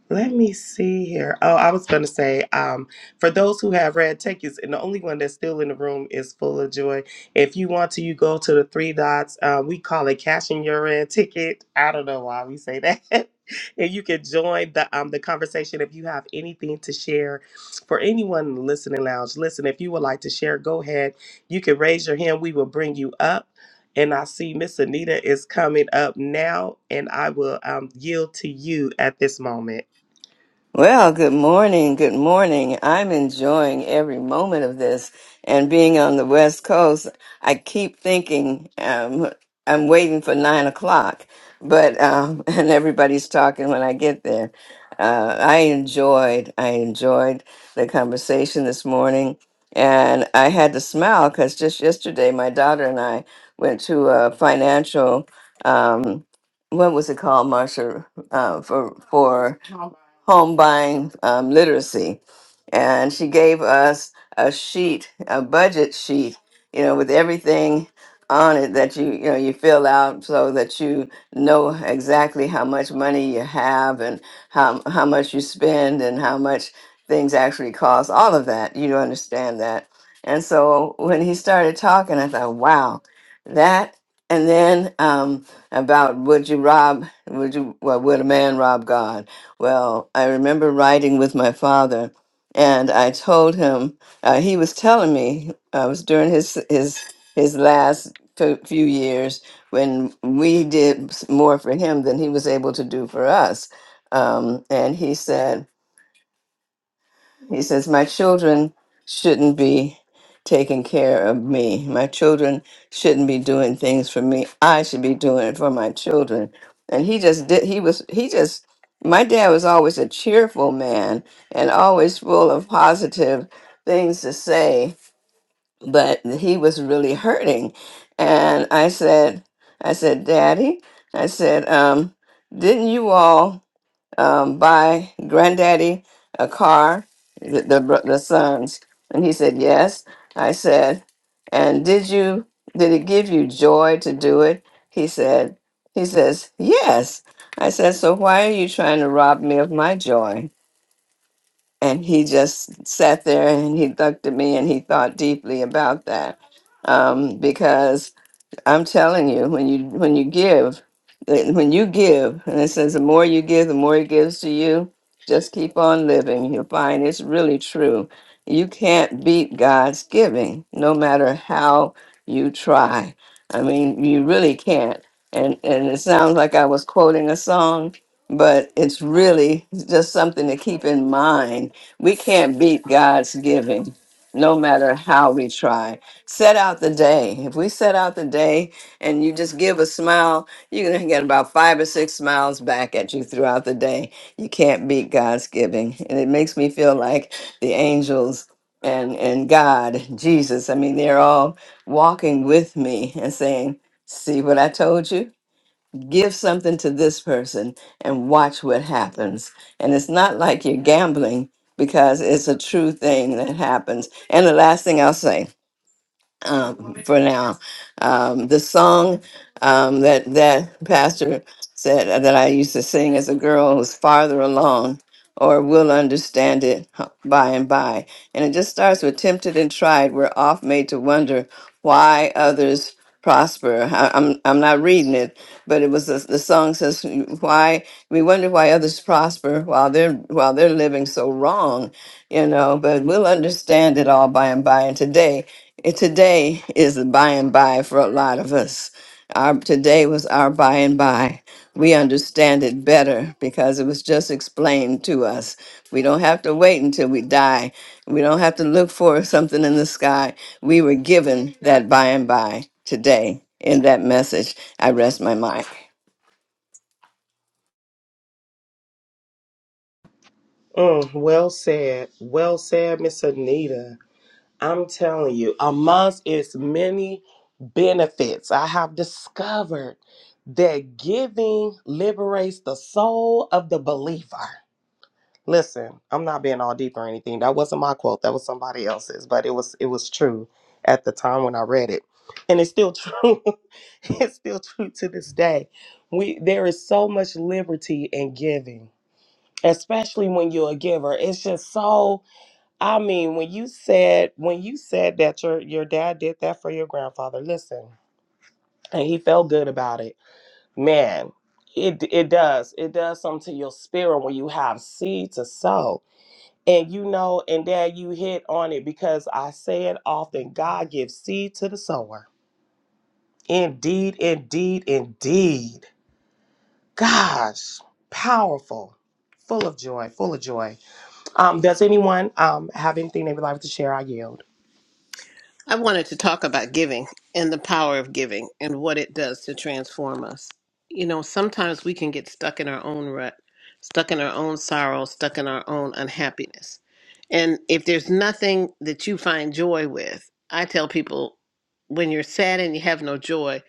Speaker 4: Let me see here. Oh, I was going to say, um, for those who have red tickets, and the only one that's still in the room is Full of Joy. If you want to, you go to the three dots. Uh, we call it cashing your red ticket. I don't know why we say that. and you can join the um, the conversation if you have anything to share. For anyone in the listening lounge, listen. If you would like to share, go ahead. You can raise your hand. We will bring you up. And I see Miss Anita is coming up now, and I will um, yield to you at this moment.
Speaker 7: Well, good morning. Good morning. I'm enjoying every moment of this and being on the West Coast. I keep thinking um, I'm waiting for nine o'clock, but um, and everybody's talking when I get there. Uh, I enjoyed. I enjoyed the conversation this morning, and I had to smile because just yesterday my daughter and I went to a financial. Um, what was it called, Marsha? Uh, for for home buying um, literacy. And she gave us a sheet, a budget sheet, you know, with everything on it that you, you know, you fill out so that you know exactly how much money you have and how, how much you spend and how much things actually cost, all of that. You understand that. And so when he started talking, I thought, wow, that. And then um, about would you rob, would you, well, would a man rob God? Well, I remember riding with my father, and I told him uh, he was telling me I was during his his his last fe- few years when we did s- more for him than he was able to do for us. Um, and he said, he says, My children shouldn't be taking care of me. My children shouldn't be doing things for me. I should be doing it for my children. And he just did, he was, he just, my dad was always a cheerful man and always full of positive things to say, but he was really hurting. And I said, I said, Daddy, I said, um, didn't you all? um, buy granddaddy a car, the, the bro- the sons?" And he said, "Yes." I said, "And did you did it give you joy to do it?" He said, "He says yes." I said, "So why are you trying to rob me of my joy?" And he just sat there and he looked at me and he thought deeply about that um, because I'm telling you, when you when you give, eh, when you give, and it says the more you give, the more he gives to you. Just keep on living. You'll find it's really true. You can't beat God's giving, no matter how you try. I mean, you really can't. And and it sounds like I was quoting a song, but it's really just something to keep in mind. We can't beat God's giving, no matter how we try set out the day. If we set out the day and you just give a smile, you're going to get about five or six smiles back at you throughout the day. You can't beat God's giving. And it makes me feel like the angels and, and God, Jesus, I mean, they're all walking with me and saying, See what I told you? Give something to this person and watch what happens. And it's not like you're gambling because it's a true thing that happens. And the last thing I'll say um, for now. Um, the song um, that that pastor said that I used to sing as a girl was farther along, or will understand it by and by, and it just starts with tempted and tried. We're oft made to wonder why others prosper. I, I'm I'm not reading it, but it was the, the song says why we wonder why others prosper while they're while they're living so wrong, you know. But we'll understand it all by and by, and today. And today is the by and by for a lot of us. Our today was our by and by. We understand it better because it was just explained to us. We don't have to wait until we die. We don't have to look for something in the sky. We were given that by and by today in that message. I rest my mind.
Speaker 4: Mm, well said. Well said, Miss Anita. I'm telling you, amongst its many benefits, I have discovered that giving liberates the soul of the believer. Listen, I'm not being all deep or anything. That wasn't my quote. That was somebody else's, but it was it was true at the time when I read it. And it's still true. it's still true to this day. We there is so much liberty in giving especially when you're a giver. It's just so. I mean, when you said when you said that your your dad did that for your grandfather, listen, and he felt good about it, man. It it does it does something to your spirit when you have seed to sow. And you know, and dad, you hit on it because I say it often God gives seed to the sower. Indeed, indeed, indeed. Gosh, powerful, full of joy, full of joy. Um, does anyone um, have anything they would like to share? I yield.
Speaker 5: I wanted to talk about giving and the power of giving and what it does to transform us. You know, sometimes we can get stuck in our own rut, stuck in our own sorrow, stuck in our own unhappiness. And if there's nothing that you find joy with, I tell people when you're sad and you have no joy,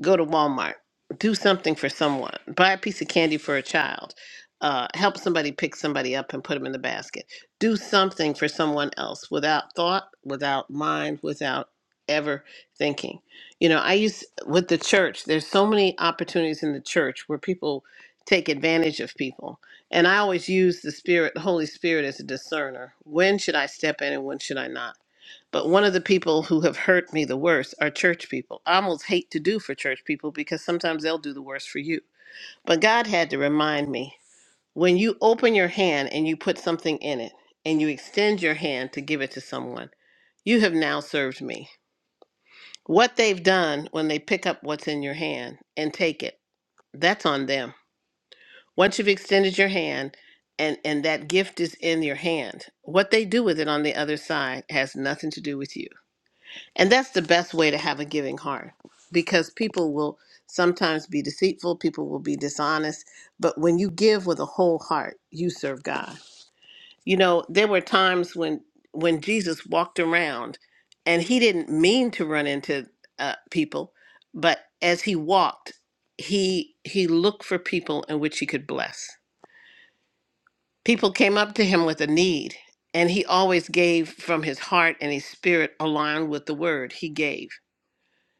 Speaker 5: go to Walmart, do something for someone, buy a piece of candy for a child, uh, help somebody pick somebody up and put them in the basket. Do something for someone else without thought, without mind, without ever thinking. You know, I use with the church, there's so many opportunities in the church where people take advantage of people. And I always use the spirit, the Holy Spirit as a discerner. When should I step in and when should I not? But one of the people who have hurt me the worst are church people. I almost hate to do for church people because sometimes they'll do the worst for you. But God had to remind me when you open your hand and you put something in it and you extend your hand to give it to someone, you have now served me. What they've done when they pick up what's in your hand and take it, that's on them. Once you've extended your hand and, and that gift is in your hand, what they do with it on the other side has nothing to do with you. And that's the best way to have a giving heart because people will sometimes be deceitful, people will be dishonest. But when you give with a whole heart, you serve God. You know, there were times when when Jesus walked around and he didn't mean to run into uh, people, but as he walked, he he looked for people in which he could bless. People came up to him with a need, and he always gave from his heart and his spirit aligned with the word he gave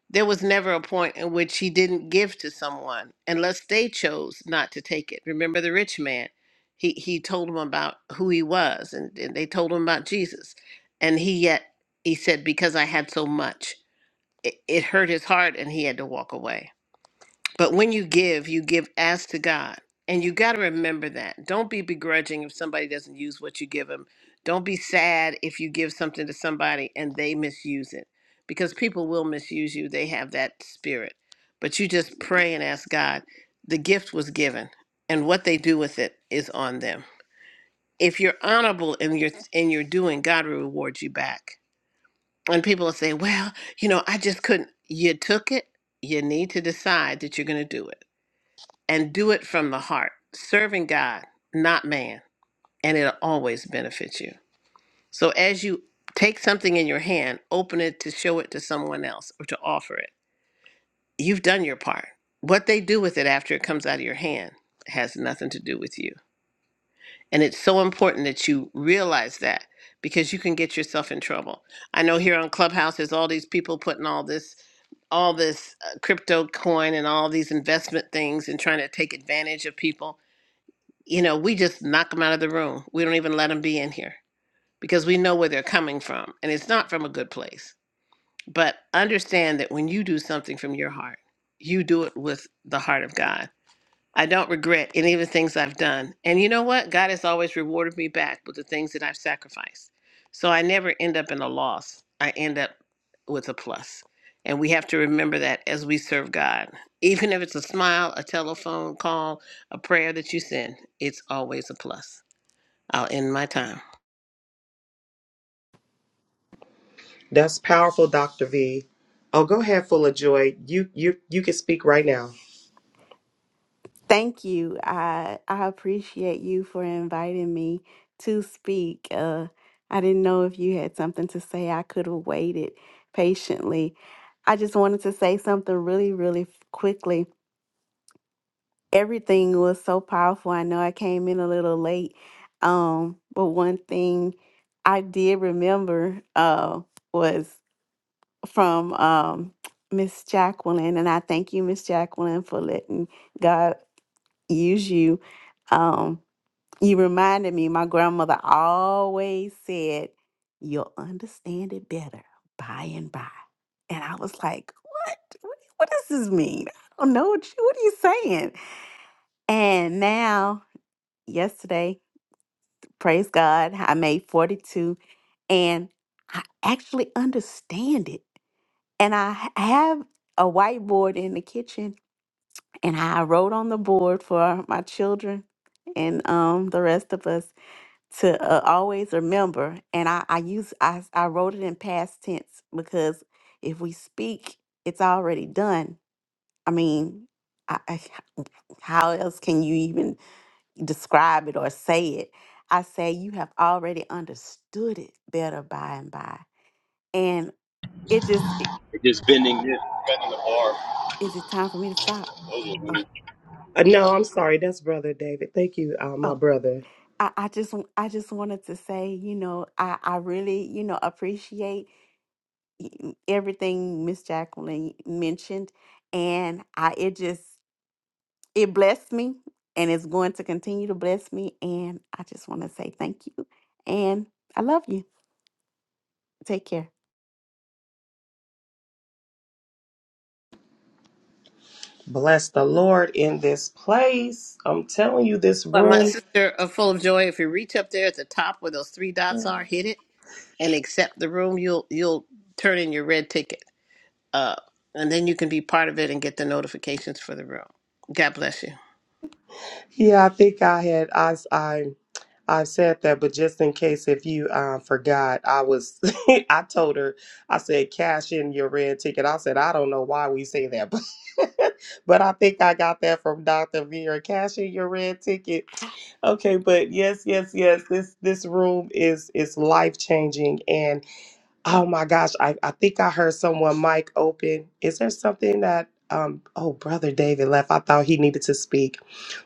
Speaker 5: there was never a point in which he didn't give to someone unless they chose not to take it. Remember the rich man? He he told him about who he was and, and they told him about Jesus. And he yet he said, Because I had so much, it, it hurt his heart and he had to walk away. But when you give, you give as to God. And you got to remember that. Don't be begrudging if somebody doesn't use what you give them. Don't be sad if you give something to somebody and they misuse it because people will misuse you. They have that spirit. But you just pray and ask God. The gift was given, and what they do with it is on them. If you're honorable in your in your doing, God will reward you back. And people will say, "Well, you know, I just couldn't." You took it. You need to decide that you're going to do it and do it from the heart, serving God, not man, and it'll always benefit you. So as you take something in your hand, open it to show it to someone else or to offer it. You've done your part. What they do with it after it comes out of your hand has nothing to do with you. And it's so important that you realize that because you can get yourself in trouble. I know here on Clubhouse there's all these people putting all this all this uh, crypto coin and all these investment things and trying to take advantage of people you know, we just knock them out of the room. We don't even let them be in here because we know where they're coming from and it's not from a good place. But understand that when you do something from your heart, you do it with the heart of God. I don't regret any of the things I've done. And you know what? God has always rewarded me back with the things that I've sacrificed. So I never end up in a loss. I end up with a plus. And we have to remember that as we serve God. Even if it's a smile, a telephone call, a prayer that you send, it's always a plus. I'll end my time.
Speaker 4: That's powerful, Dr. V. Oh, go ahead, full of joy. You you you can speak right now.
Speaker 8: Thank you. I I appreciate you for inviting me to speak. Uh, I didn't know if you had something to say. I could have waited patiently. I just wanted to say something really, really f- quickly. Everything was so powerful. I know I came in a little late, um, but one thing I did remember uh, was from um, Miss Jacqueline, and I thank you, Miss Jacqueline, for letting God use you. Um, you reminded me, my grandmother always said, You'll understand it better by and by. And I was like, What? What, what does this mean? I don't know what, you, what are you saying? And now, yesterday, praise God, I made 42 and I actually understand it. And I ha- have a whiteboard in the kitchen and I wrote on the board for my children and um, the rest of us to uh, always remember and I, I use I, s- I wrote it in past tense because if we speak it's already done i mean I, I, how else can you even describe it or say it i say you have already understood it better by and by and it just i-
Speaker 9: Just bending this, cutting the bar.
Speaker 8: is it time for me to stop
Speaker 9: Those were
Speaker 8: oh
Speaker 9: good.
Speaker 4: Uh, no, I'm sorry. That's Brother David. Thank you, uh, my
Speaker 8: oh
Speaker 4: brother.
Speaker 8: i, I just w- i just wanted to say you know i i really you know appreciate y- everything Miss Jacqueline mentioned, and I it just it blessed me, and it's going to continue to bless me. And I just want to say thank you, and I love you. Take care.
Speaker 4: Bless the Lord in this place. I'm telling you, this
Speaker 5: But my
Speaker 4: room.
Speaker 5: sister are full of joy. If you reach up there at the top where those three dots are, hit it and accept the room, you'll you'll turn in your red ticket. Uh, and then you can be part of it and get the notifications for the room. God bless you.
Speaker 4: Yeah, I think I had I s- I I said that, but just in case if you um, forgot, I was I told her I said cash in your red ticket. I said I don't know why we say that, but but I think I got that from Dr. Vera. Cash in your red ticket. Okay, but yes, yes, yes. This this room is is life changing, and oh my gosh, I I think I heard someone mic open. Is there something that um oh brother David left? I thought he needed to speak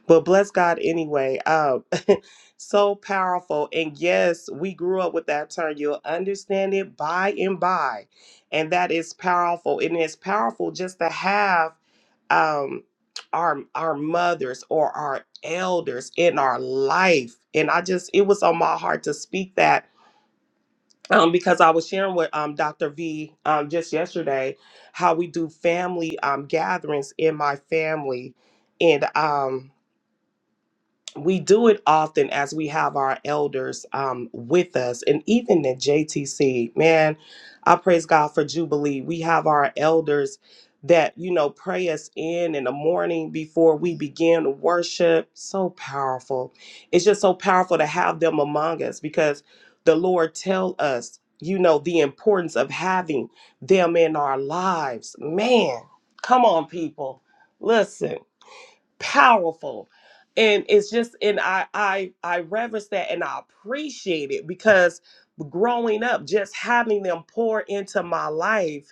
Speaker 4: but bless God anyway. Um, so powerful. And yes, we grew up with that term. You'll understand it by and by. And that is powerful. And it's powerful just to have um our our mothers or our elders in our life. And I just it was on my heart to speak that um because I was sharing with um Dr. V um just yesterday how we do family um gatherings in my family. And um we do it often as we have our elders um, with us and even at jtc man i praise god for jubilee we have our elders that you know pray us in in the morning before we begin to worship so powerful it's just so powerful to have them among us because the lord tell us you know the importance of having them in our lives man come on people listen powerful and it's just and i i i reverence that and i appreciate it because growing up just having them pour into my life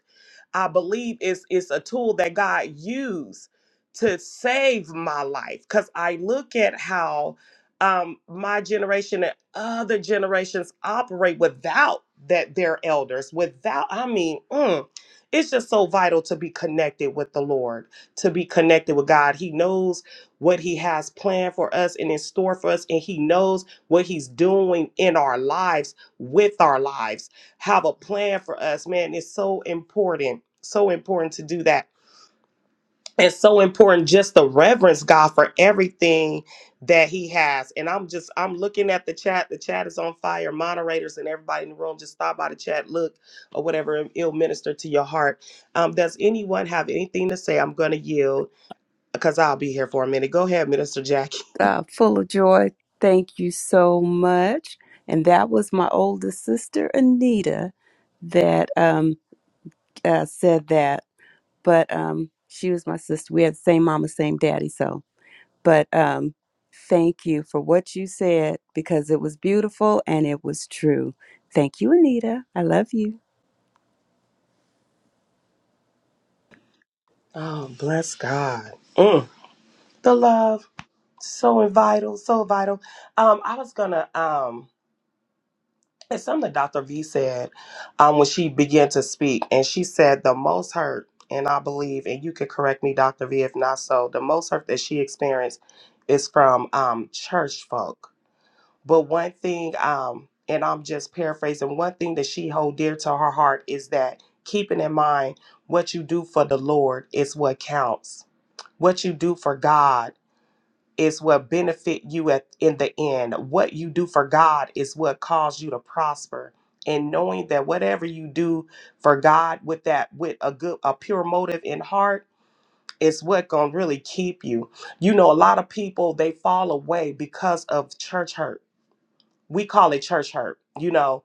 Speaker 4: I believe it's it's a tool that God used to save my life. Cause I look at how um, my generation and other generations operate without that their elders, without I mean, mm, it's just so vital to be connected with the Lord, to be connected with God. He knows what He has planned for us and in store for us, and He knows what He's doing in our lives with our lives have a plan for us. Man, it's so important, so important to do that. It's so important just to reverence God for everything that He has. And I'm just, I'm looking at the chat. The chat is on fire. Moderators and everybody in the room, just stop by the chat, look, or whatever. and It'll minister to your heart. Um, does anyone have anything to say? I'm going to yield because I'll be here for a minute. Go ahead, Minister Jackie.
Speaker 2: uh, full of joy. Thank you so much. And that was my oldest sister, Anita, that um, uh, said that. But um, she was my sister. We had the same mama, same daddy. So, but um, thank you for what you said because it was beautiful and it was true. Thank you, Anita. I love you.
Speaker 4: Oh, bless God. Mm. The love, so vital, so vital. Um, I was gonna um It's something Dr. V said um, when she began to speak, and she said the most hurt, and I believe, and you could correct me, Dr. V, if not so, the most hurt that she experienced is from um, church folk. But one thing, um, and I'm just paraphrasing, one thing that she hold dear to her heart is that keeping in mind what you do for the Lord is what counts. What you do for God is what benefit you at in the end. What you do for God is what caused you to prosper. And knowing that whatever you do for God with that with a good a pure motive in heart is what gonna really keep you. You know, a lot of people they fall away because of church hurt. We call it church hurt, you know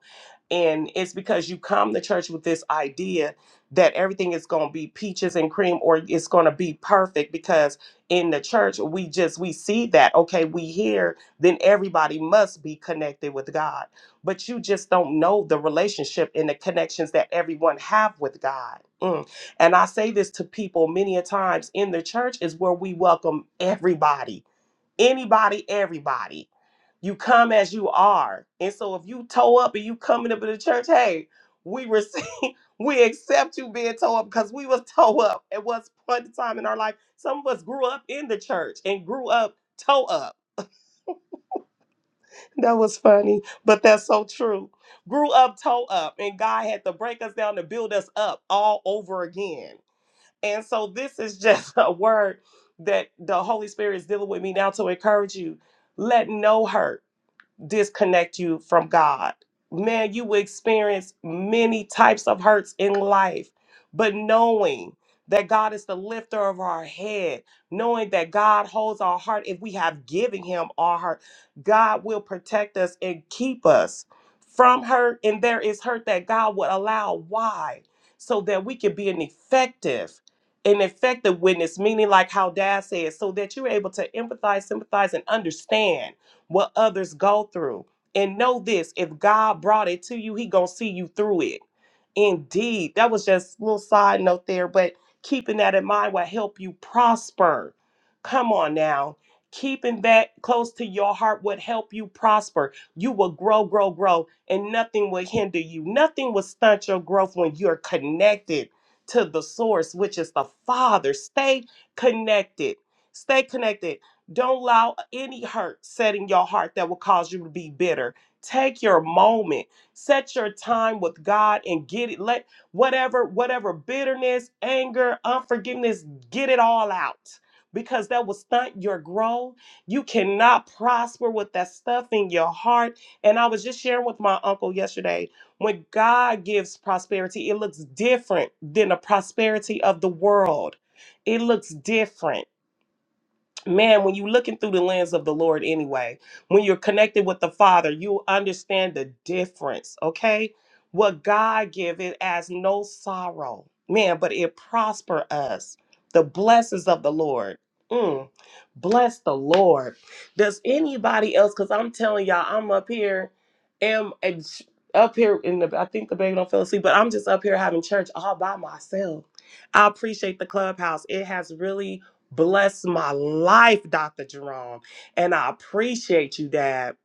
Speaker 4: and it's because you come to church with this idea that everything is going to be peaches and cream or it's going to be perfect because in the church we just we see that okay we hear then everybody must be connected with god but you just don't know the relationship and the connections that everyone have with god Mm. and i say this to people many a times in the church is where we welcome everybody anybody everybody you come as you are. And so if you toe up and you coming up in the church, hey, we receive, we accept you being toe up because we was toe up at one point in time in our life. Some of us grew up in the church and grew up toe up. That was funny, but that's so true. Grew up toe up, and God had to break us down to build us up all over again. And so this is just a word that the Holy Spirit is dealing with me now to encourage you. Let no hurt disconnect you from God. Man, you will experience many types of hurts in life, but knowing that God is the lifter of our head, knowing that God holds our heart if we have given Him our heart, God will protect us and keep us from hurt. And there is hurt that God would allow. Why? So that we can be an effective an effective witness, meaning like how dad said, so that you're able to empathize, sympathize, and understand what others go through. And know this if God brought it to you, He gonna see you through it. Indeed. That was just a little side note there, but keeping that in mind will help you prosper. Come on now. Keeping that close to your heart would help you prosper. You will grow, grow, grow, and nothing will hinder you. Nothing will stunt your growth when you're connected to the source, which is the Father. Stay connected. Stay connected. Don't allow any hurt set in your heart that will cause you to be bitter. Take your moment Set your time with God and get it. Let whatever, whatever bitterness, anger, unforgiveness, get it all out. Because that will stunt your growth. You cannot prosper with that stuff in your heart. And I was just sharing with my uncle yesterday when God gives prosperity, it looks different than the prosperity of the world. It looks different man, when you looking through the lens of the Lord anyway, when you're connected with the Father, you understand the difference, okay? What God give it as no sorrow, man, but it prosper us. The blessings of the Lord. Mm, bless the Lord. Does anybody else? Because I'm telling y'all, I'm up here, am and up here in the. I think the baby don't fell asleep, but I'm just up here having church all by myself. I appreciate the clubhouse. It has really Bless my life, Dr. Jerome. And I appreciate you, Dad.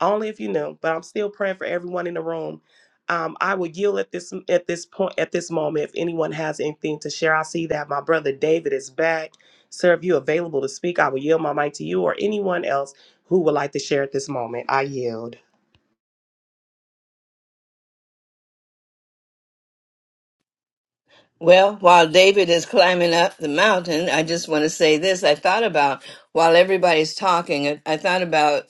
Speaker 4: Only if you knew, but I'm still praying for everyone in the room. Um, I will yield at this at this point at this moment if anyone has anything to share. I see that my brother David is back. Sir, if you're available to speak, I will yield my mic to you or anyone else who would like to share at this moment. I yield.
Speaker 7: Well, while David is climbing up the mountain, I just want to say this. I thought about, while everybody's talking, I I thought about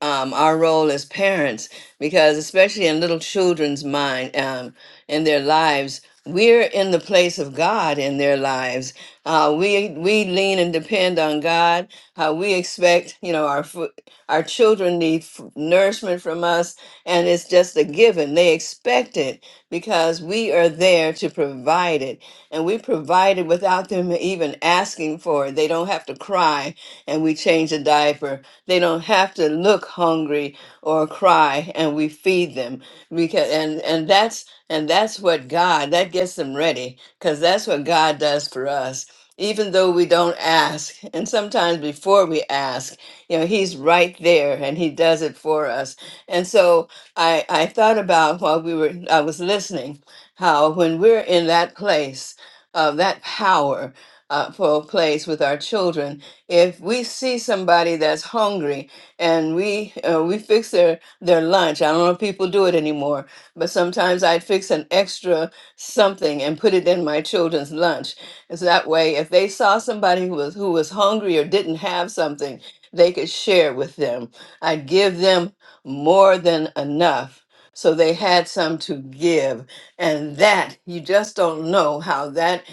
Speaker 7: um, our role as parents, because especially in little children's mind, um, in their lives, we're in the place of God in their lives. Uh, we we lean and depend on God. Uh, we expect, you know, our fo- our children need f- nourishment from us, and it's just a given. They expect it because we are there to provide it. And we provide it without them even asking for it. They don't have to cry and we change a diaper. They don't have to look hungry or cry and we feed them. Because and and that's and that's what God that gets them ready because that's what God does for us. Even though we don't ask, and sometimes before we ask, you know, he's right there and he does it for us. And so I, I thought about while we were I was listening how when we're in that place of that power uh, for place with our children, if we see somebody that's hungry and we uh, we fix their their lunch, I don't know if people do it anymore, but sometimes I'd fix an extra something and put it in my children's lunch. And so that way if they saw somebody who was who was hungry or didn't have something, they could share with them. I'd give them more than enough. So they had some to give. And that, you just don't know how that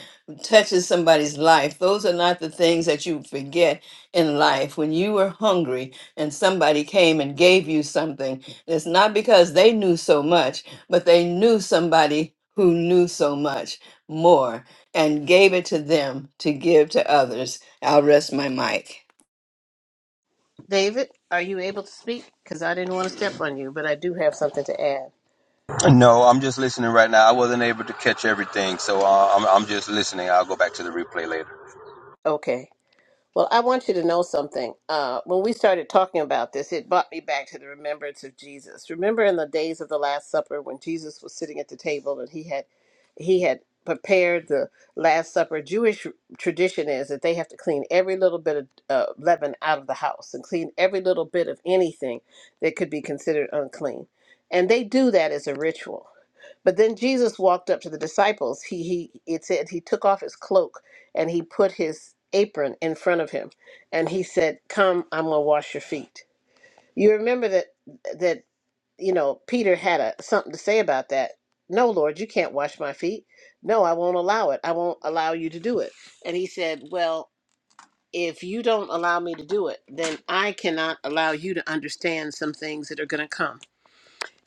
Speaker 7: touches somebody's life. Those are not the things that you forget in life. When you were hungry and somebody came and gave you something, it's not because they knew so much, but they knew somebody who knew so much more and gave it to them to give to others. I'll rest my mic.
Speaker 5: David, are you able to speak? Because I didn't want to step on you, but I do have something to add.
Speaker 9: No, I'm just listening right now. I wasn't able to catch everything, so uh, I'm I'm just listening. I'll go back to the replay later.
Speaker 5: Okay. Well, I want you to know something. Uh, when we started talking about this, it brought me back to the remembrance of Jesus. Remember in the days of the Last Supper when Jesus was sitting at the table and he had he had prepared the Last Supper. Jewish tradition is that they have to clean every little bit of uh, leaven out of the house and clean every little bit of anything that could be considered unclean, and they do that as a ritual. But then Jesus walked up to the disciples. He he it said he took off his cloak and he put his apron in front of him and he said come i'm going to wash your feet you remember that that you know peter had a, something to say about that no lord you can't wash my feet no i won't allow it i won't allow you to do it and he said well if you don't allow me to do it then i cannot allow you to understand some things that are going to come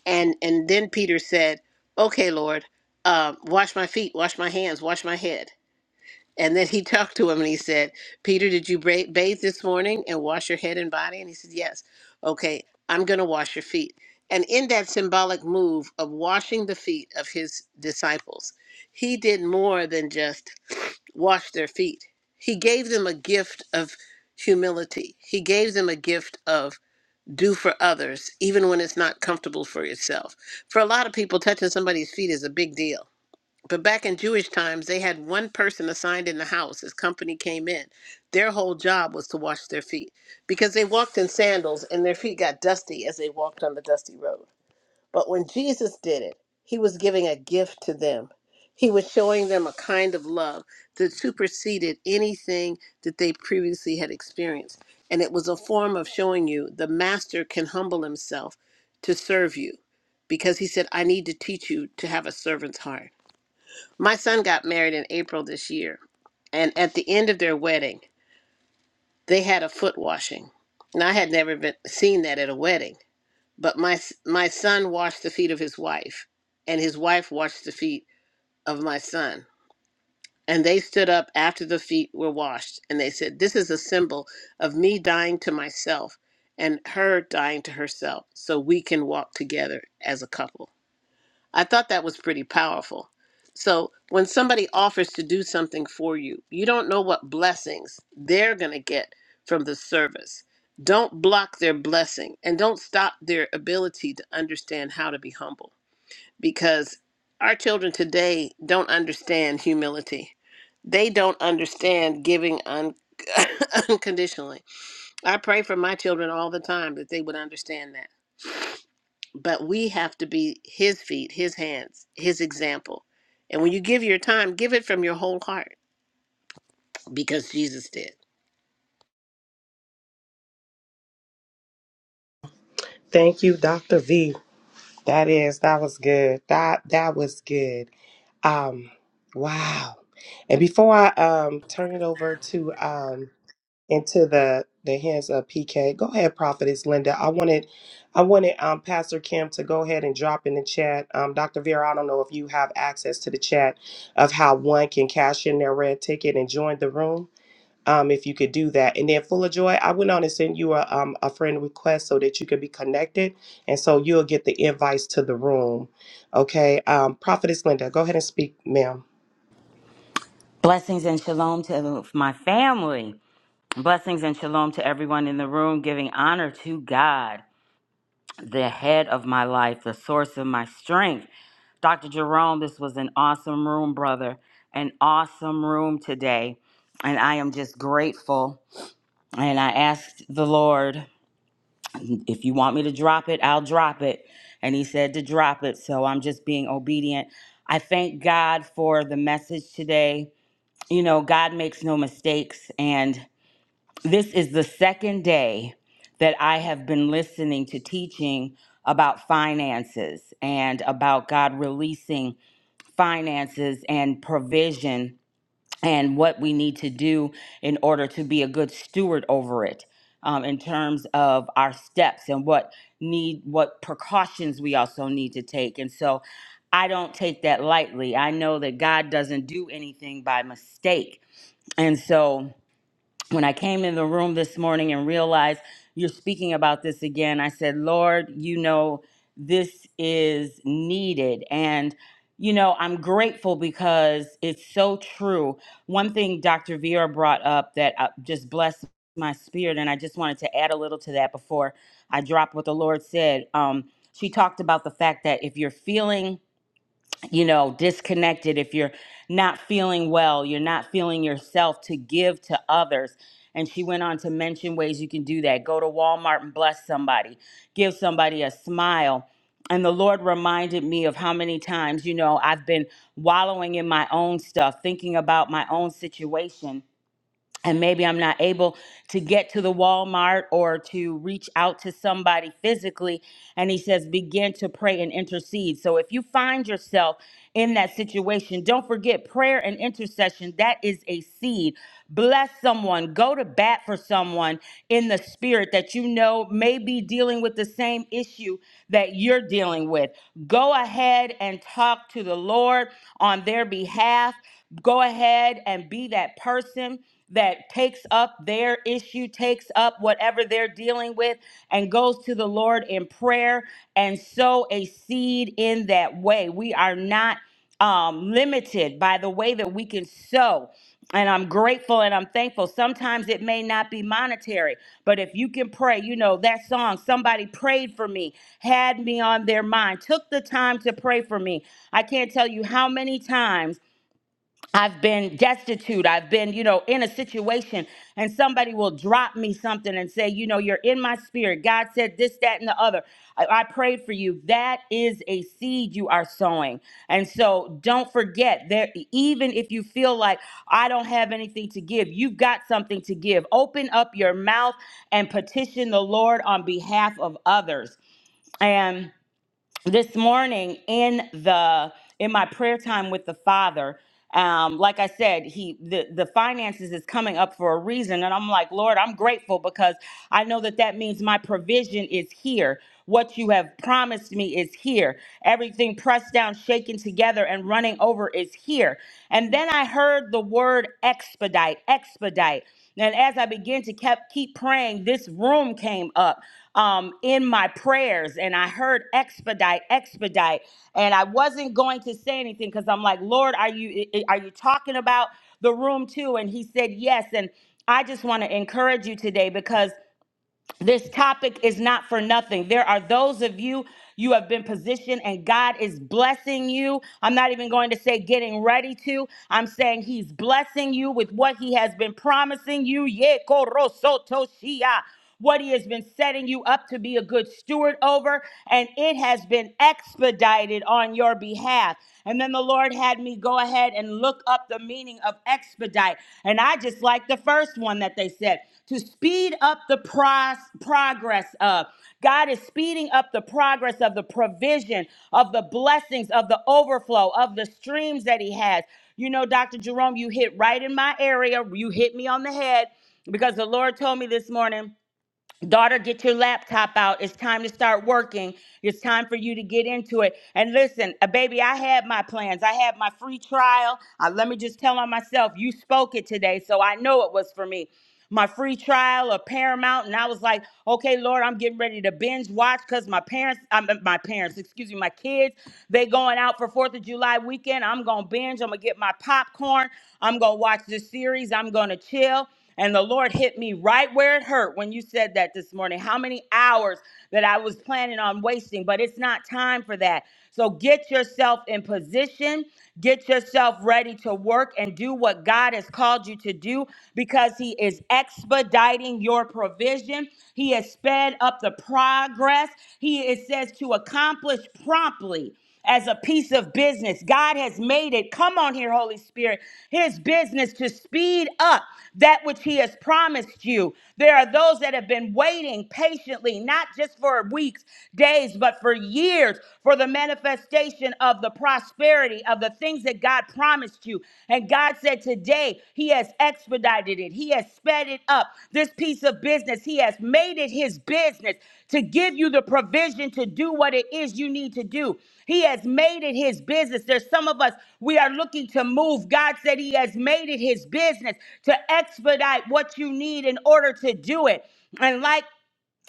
Speaker 5: and and then peter said okay lord uh, wash my feet wash my hands wash my head and then he talked to him and he said, Peter, did you ba- bathe this morning and wash your head and body? And he said, Yes. Okay, I'm going to wash your feet. And in that symbolic move of washing the feet of his disciples, he did more than just wash their feet. He gave them a gift of humility, he gave them a gift of do for others, even when it's not comfortable for yourself. For a lot of people, touching somebody's feet is a big deal but back in Jewish times, they had one person assigned in the house as company came in. Their whole job was to wash their feet because they walked in sandals and their feet got dusty as they walked on the dusty road. But when Jesus did it, he was giving a gift to them. He was showing them a kind of love that superseded anything that they previously had experienced. And it was a form of showing you the master can humble himself to serve you because he said, I need to teach you to have a servant's heart. My son got married in April this year, and at the end of their wedding, they had a foot washing. And I had never been seen that at a wedding, but my my son washed the feet of his wife, and his wife washed the feet of my son. And they stood up after the feet were washed, and they said, "This is a symbol of me dying to myself and her dying to herself, so we can walk together as a couple." I thought that was pretty powerful. So when somebody offers to do something for you, you don't know what blessings they're going to get from the service. Don't block their blessing and don't stop their ability to understand how to be humble because our children today don't understand humility. They don't understand giving un- unconditionally. I pray for my children all the time that they would understand that but we have to be his feet, his hands, his example. And when you give your time, give it from your whole heart because Jesus did.
Speaker 4: Thank you, Dr. V. That is, that was good. That that was good. Um, wow. And before I um turn it over to um into the the hands of PK, go ahead, Prophetess Linda. I wanted I wanted um Pastor Kim to go ahead and drop in the chat. Um, Dr. Vera, I don't know if you have access to the chat of how one can cash in their red ticket and join the room um, if you could do that. And then Full of Joy, I went on and sent you a, um, a friend request so that you could be connected. And so you'll get the invites to the room. Okay. Um, Prophetess Linda, go ahead and speak, ma'am.
Speaker 10: Blessings and shalom to my family. Blessings and shalom to everyone in the room, giving honor to God, the head of my life, the source of my strength. Dr. Jerome, this was an awesome room, brother, an awesome room today. And I am just grateful. And I asked the Lord, if you want me to drop it, I'll drop it. And he said to drop it. So I'm just being obedient. I thank God for the message today you know, God makes no mistakes. And this is the second day that I have been listening to teaching about finances and about God releasing finances and provision and what we need to do in order to be a good steward over it. um, in terms of our steps and what need what precautions we also need to take and so i don't take that lightly i know that god doesn't do anything by mistake and so when I came in the room this morning and realized you're speaking about this again, I said, Lord, you know, this is needed. And, you know, I'm grateful because it's so true. One thing Dr. Vera brought up that uh, just blessed my spirit, and I just wanted to add a little to that before I drop what the Lord said. Um, she talked about the fact that if you're feeling you know, disconnected, if you're not feeling well, you're not feeling yourself to give to others. And she went on to mention ways you can do that. Go to Walmart and bless somebody, give somebody a smile. And the Lord reminded me of how many times, you know, I've been wallowing in my own stuff, thinking about my own situation and maybe I'm not able to get to the Walmart or to reach out to somebody physically. And he says, begin to pray and intercede. So if you find yourself in that situation, don't forget prayer and intercession. That is a seed. Bless someone, go to bat for someone in the spirit that you know may be dealing with the same issue that you're dealing with. Go ahead and talk to the Lord on their behalf. Go ahead and be that person that takes up their issue, takes up whatever they're dealing with, and goes to the Lord in prayer and sow a seed in that way. We are not um, limited by the way that we can sow. And I'm grateful and I'm thankful. Sometimes it may not be monetary, but if you can pray, you know, that song, somebody prayed for me, had me on their mind, took the time to pray for me. I can't tell you how many times I've been destitute. I've been, you know, in a situation, and somebody will drop me something and say, you know, you're in my spirit. God said this, that, and the other. I, I prayed for you. That is a seed you are sowing. And so don't forget that even if you feel like I don't have anything to give, you've got something to give. Open up your mouth and petition the Lord on behalf of others. And this morning in the in my prayer time with the father um like i said he the the finances is coming up for a reason and i'm like lord i'm grateful because i know that that means my provision is here what you have promised me is here everything pressed down shaken together and running over is here and then i heard the word expedite expedite and as I began to kept keep praying, this room came up um, in my prayers, and I heard expedite, expedite, and I wasn't going to say anything because I'm like, Lord, are you i- i- are you talking about the room too? And He said yes, and I just want to encourage you today because this topic is not for nothing. There are those of you, you have been positioned and God is blessing you. I'm not even going to say getting ready to. I'm saying He's blessing you with what He has been promising you. Ye koro shia. What He has been setting you up to be a good steward over, and it has been expedited on your behalf path. And then the Lord had me go ahead and look up the meaning of expedite. And I just like the first one that they said to speed up the pros- progress of. God is speeding up the progress of the provision, of the blessings, of the overflow, of the streams that He has. You know, Dr. Jerome, you hit right in my area. You hit me on the head because the Lord told me this morning. Daughter, get your laptop out. It's time to start working. It's time for you to get into it. And listen, uh, baby, I had my plans. I had my free trial. Uh, let me just tell on myself, you spoke it today, so I know it was for me my free trial of Paramount, and I was like, okay, Lord, I'm getting ready to binge watch because my parents, um, my parents, excuse me, my kids, they going out for Fourth of July weekend. I'm gonna binge. I'm gonna get my popcorn. I'm gonna watch this series. I'm gonna chill. And the Lord hit me right where it hurt when you said that this morning. How many hours that I was planning on wasting, but it's not time for that. So get yourself in position, get yourself ready ready to work and do what God has called you to do because He is expediting your provision. He has sped up the progress. He it says to accomplish promptly as a piece of business. God has made it. Come on here, Holy Spirit. His business to speed up that which He has promised you. There are those that have been waiting patiently, not just for weeks, days, but for years for the manifestation of the prosperity of the things that God promised you. And God said today, He has expedited it, He has sped it up. This piece of business, business. He has made it his business to give you the provision to do what it is you need to do. He has made it his business. There's some of us, we are looking to move. God said he has made it his business to expedite what you need in order to do it. And like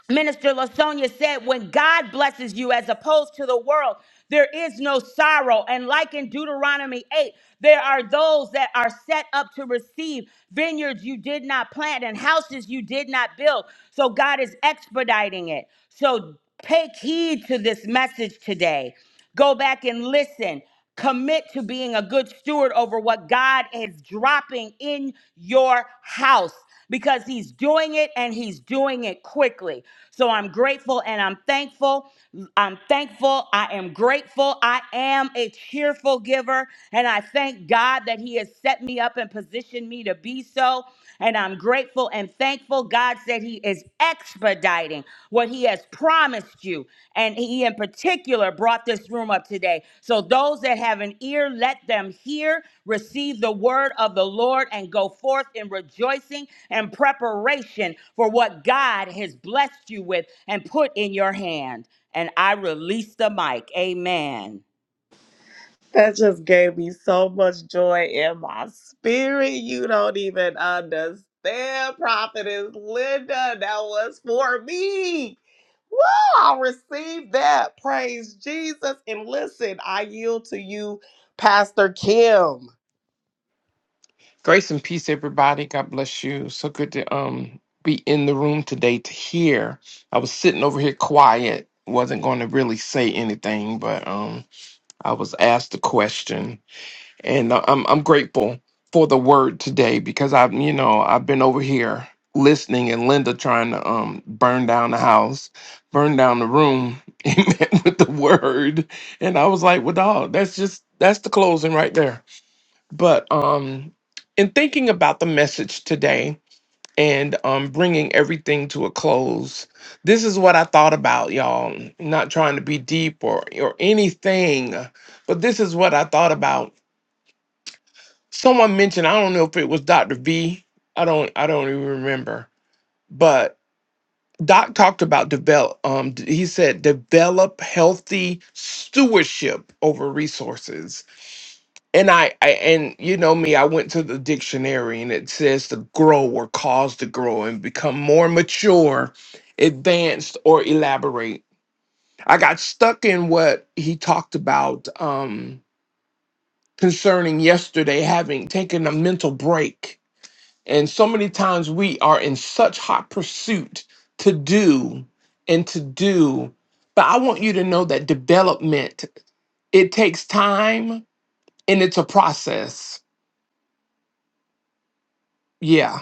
Speaker 10: Minister Lasonia said, when God blesses you as opposed to the world, there is no sorrow. And like in Deuteronomy 8, there are those that are set up to receive vineyards you did not plant and houses you did not build. So God is expediting it. So take heed to this message today. Go back and listen. Commit to being a good steward over what God is dropping in your house because He's doing it and He's doing it quickly. So I'm grateful and I'm thankful. I'm thankful. I am grateful. I am a cheerful giver. And I thank God that He has set me up and positioned me to be so. And I'm grateful and thankful. God said He is expediting what He has promised you. And He, in particular, brought this room up today. So, those that have an ear, let them hear, receive the word of the Lord, and go forth in rejoicing and preparation for what God has blessed you with and put in your hand. And I release the mic. Amen.
Speaker 4: That just gave me so much joy in my spirit. You don't even understand, Prophetess Linda. That was for me. Woo! I received that. Praise Jesus. And listen, I yield to you, Pastor Kim.
Speaker 1: Grace and peace, everybody. God bless you. So good to um be in the room today to hear. I was sitting over here quiet, wasn't going to really say anything, but um I was asked a question, and I- I'm I'm grateful for the word today because I've you know I've been over here listening and Linda trying to um burn down the house, burn down the room, amen, with the word, and I was like, well, dog, that's just that's the closing right there but um in thinking about the message today and um bringing everything to a close this is what i thought about y'all not trying to be deep or or anything but this is what i thought about someone mentioned i don't know if it was dr v i don't i don't even remember but doc talked about develop um d- he said develop healthy stewardship over resources And I, I and you know me, I went to the dictionary and it says to grow or cause to grow and become more mature, advanced, or elaborate. I got stuck in what he talked about um concerning yesterday having taken a mental break. And so many times we are in such hot pursuit to do and to do. But I want you to know that development, it takes time and it's a process. Yeah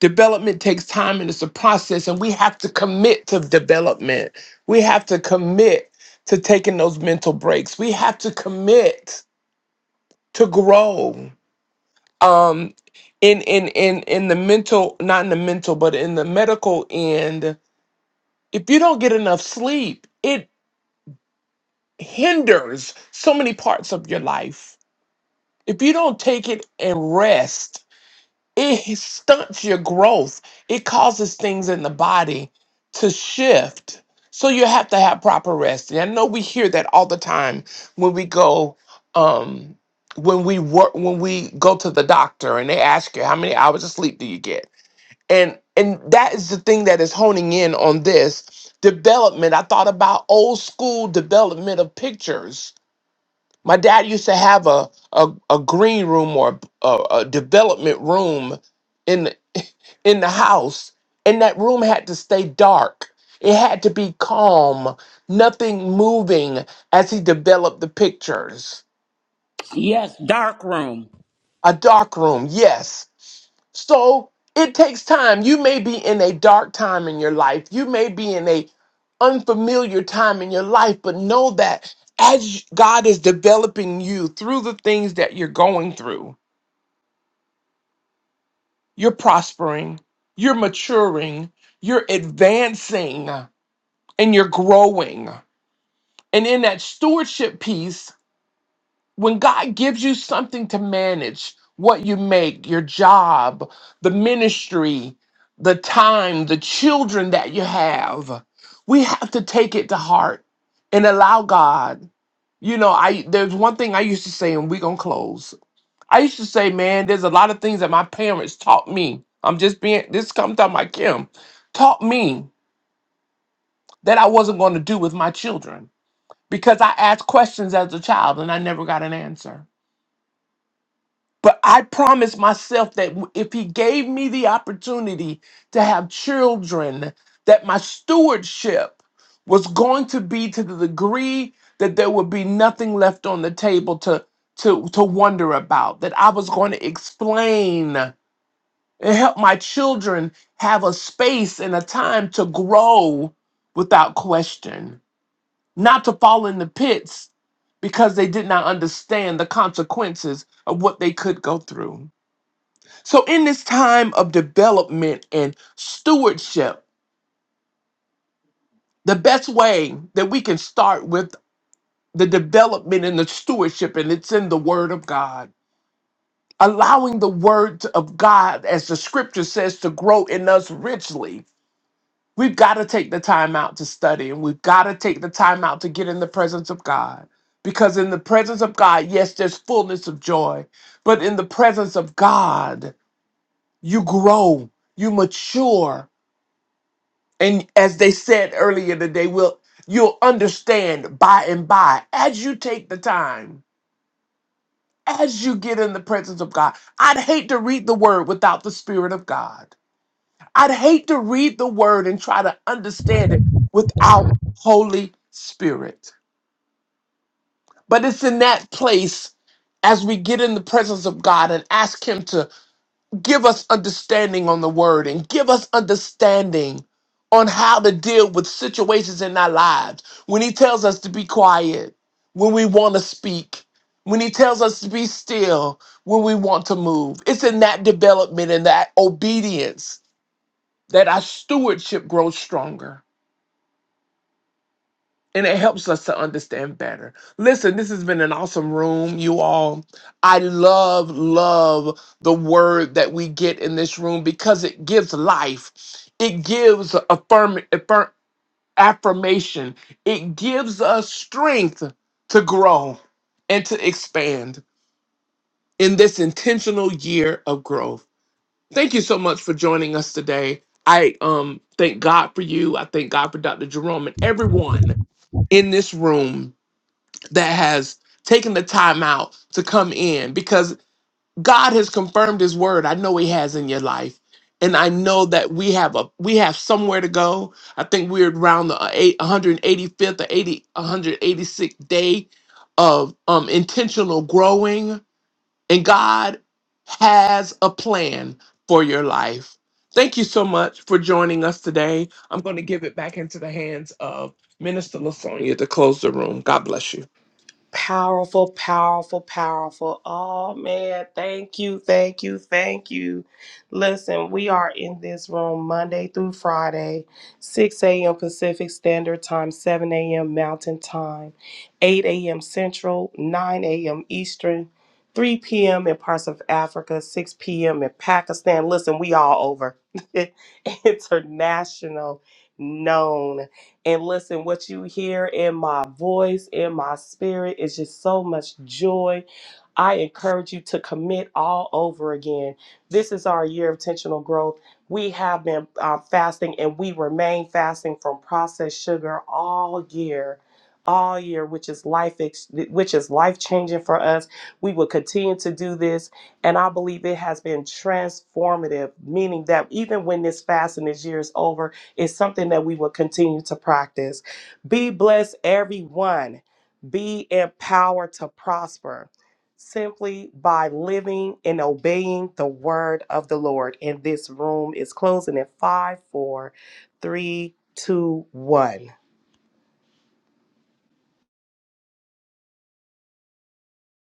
Speaker 1: Development takes time and it's a process, and we have to commit to development. We have to commit to taking those mental breaks. We have to commit to grow. Um, in in in in the mental, not in the mental, but in the medical end, if you don't get enough sleep, it hinders so many parts of your life. If you don't take it and rest, It stunts your growth. It causes things in the body to shift. So you have to have proper rest. And I know we hear that all the time when we go um when we work when we go to the doctor and they ask you how many hours of sleep do you get? And and that is the thing that is honing in on this development. I thought about old school development of pictures my dad used to have a a, a green room or a, a development room in the, in the house, and that room had to stay dark. It had to be calm, nothing moving as he developed the pictures.
Speaker 10: Yes, dark room.
Speaker 1: A dark room, yes. So it takes time. You may be in a dark time in your life. You may be in a unfamiliar time in your life, but know that as God is developing you through the things that you're going through, You're prospering, you're maturing, you're advancing, and you're growing. And in that stewardship piece, when God gives you something to manage, what you make, your job, the ministry, the time, the children that you have, we have to take it to heart and allow God. You know, I there's one thing I used to say, and we're gonna close. I used to say, man, there's a lot of things that my parents taught me. I'm just being this comes out my Kim taught me that I wasn't going to do with my children because I asked questions as a child and I never got an answer. But I promised myself that w- if he gave me the opportunity to have children, that my stewardship was going to be to the degree that there would be nothing left on the table to to to wonder about, that I was going to explain and help my children have a space and a time to grow without question, not to fall in the pits because they did not understand the consequences of what they could go through. So, in this time of development and stewardship, the best way that we can start with the development and the stewardship, and it's in the Word of God. Allowing the Word of God, as the scripture says, to grow in us richly We've got to take the time out to study and we've got to take the time out to get in the presence of God. Because in the presence of God, yes, there's fullness of joy, but in the presence of God, you grow, you mature. And as they said earlier today, we'll, you'll understand by and by as you take the time, as you get in the presence of God. I'd hate to read the word without the Spirit of God. I'd hate to read the word and try to understand it without Holy Spirit. But it's in that place as we get in the presence of God and ask Him to give us understanding on the word and give us understanding on how to deal with situations in our lives. When He tells us to be quiet, when we want to speak, when He tells us to be still, when we want to move. It's in that development and that obedience that our stewardship grows stronger and it helps us to understand better. Listen, this has been an awesome room, you all. I love, love the word that we get in this room because it gives life, it gives affirm, affirm affirmation, it gives us strength to grow and to expand in this intentional year of growth. Thank you so much for joining us today. I um thank God for you. I thank God for Dr. Jerome and everyone in this room that has taken the time out to come in because God has confirmed his word. I know he has in your life. And I know that we have a we have somewhere to go. I think we're around the uh, eight- 185th or 80 186th day of um intentional growing and God has a plan for your life. Thank you so much for joining us today. I'm going to give it back into the hands of Minister Lasonia to close the room. God bless you.
Speaker 4: Powerful, powerful, powerful. Oh man, thank you, thank you, thank you. Listen, we are in this room Monday through Friday, 6 a.m. Pacific Standard Time, 7 a.m. Mountain Time, 8 a.m. Central, 9 a.m. Eastern, 3 p.m. in parts of Africa, 6 p.m. in Pakistan. Listen, we all over international known. And listen, what you hear in my voice, in my spirit, is just so much joy. I encourage you to commit all over again. This is our year of intentional growth. We have been uh, fasting and we remain fasting from processed sugar all year, all year, which is life, ex- which is life changing for us. We will continue to do this, and I believe it has been transformative. Meaning that even when this fast and this year is over, is something that we will continue to practice. Be blessed, everyone. Be empowered to prosper simply by living and obeying the word of the Lord. And this room is closing in five, four, three, two, one.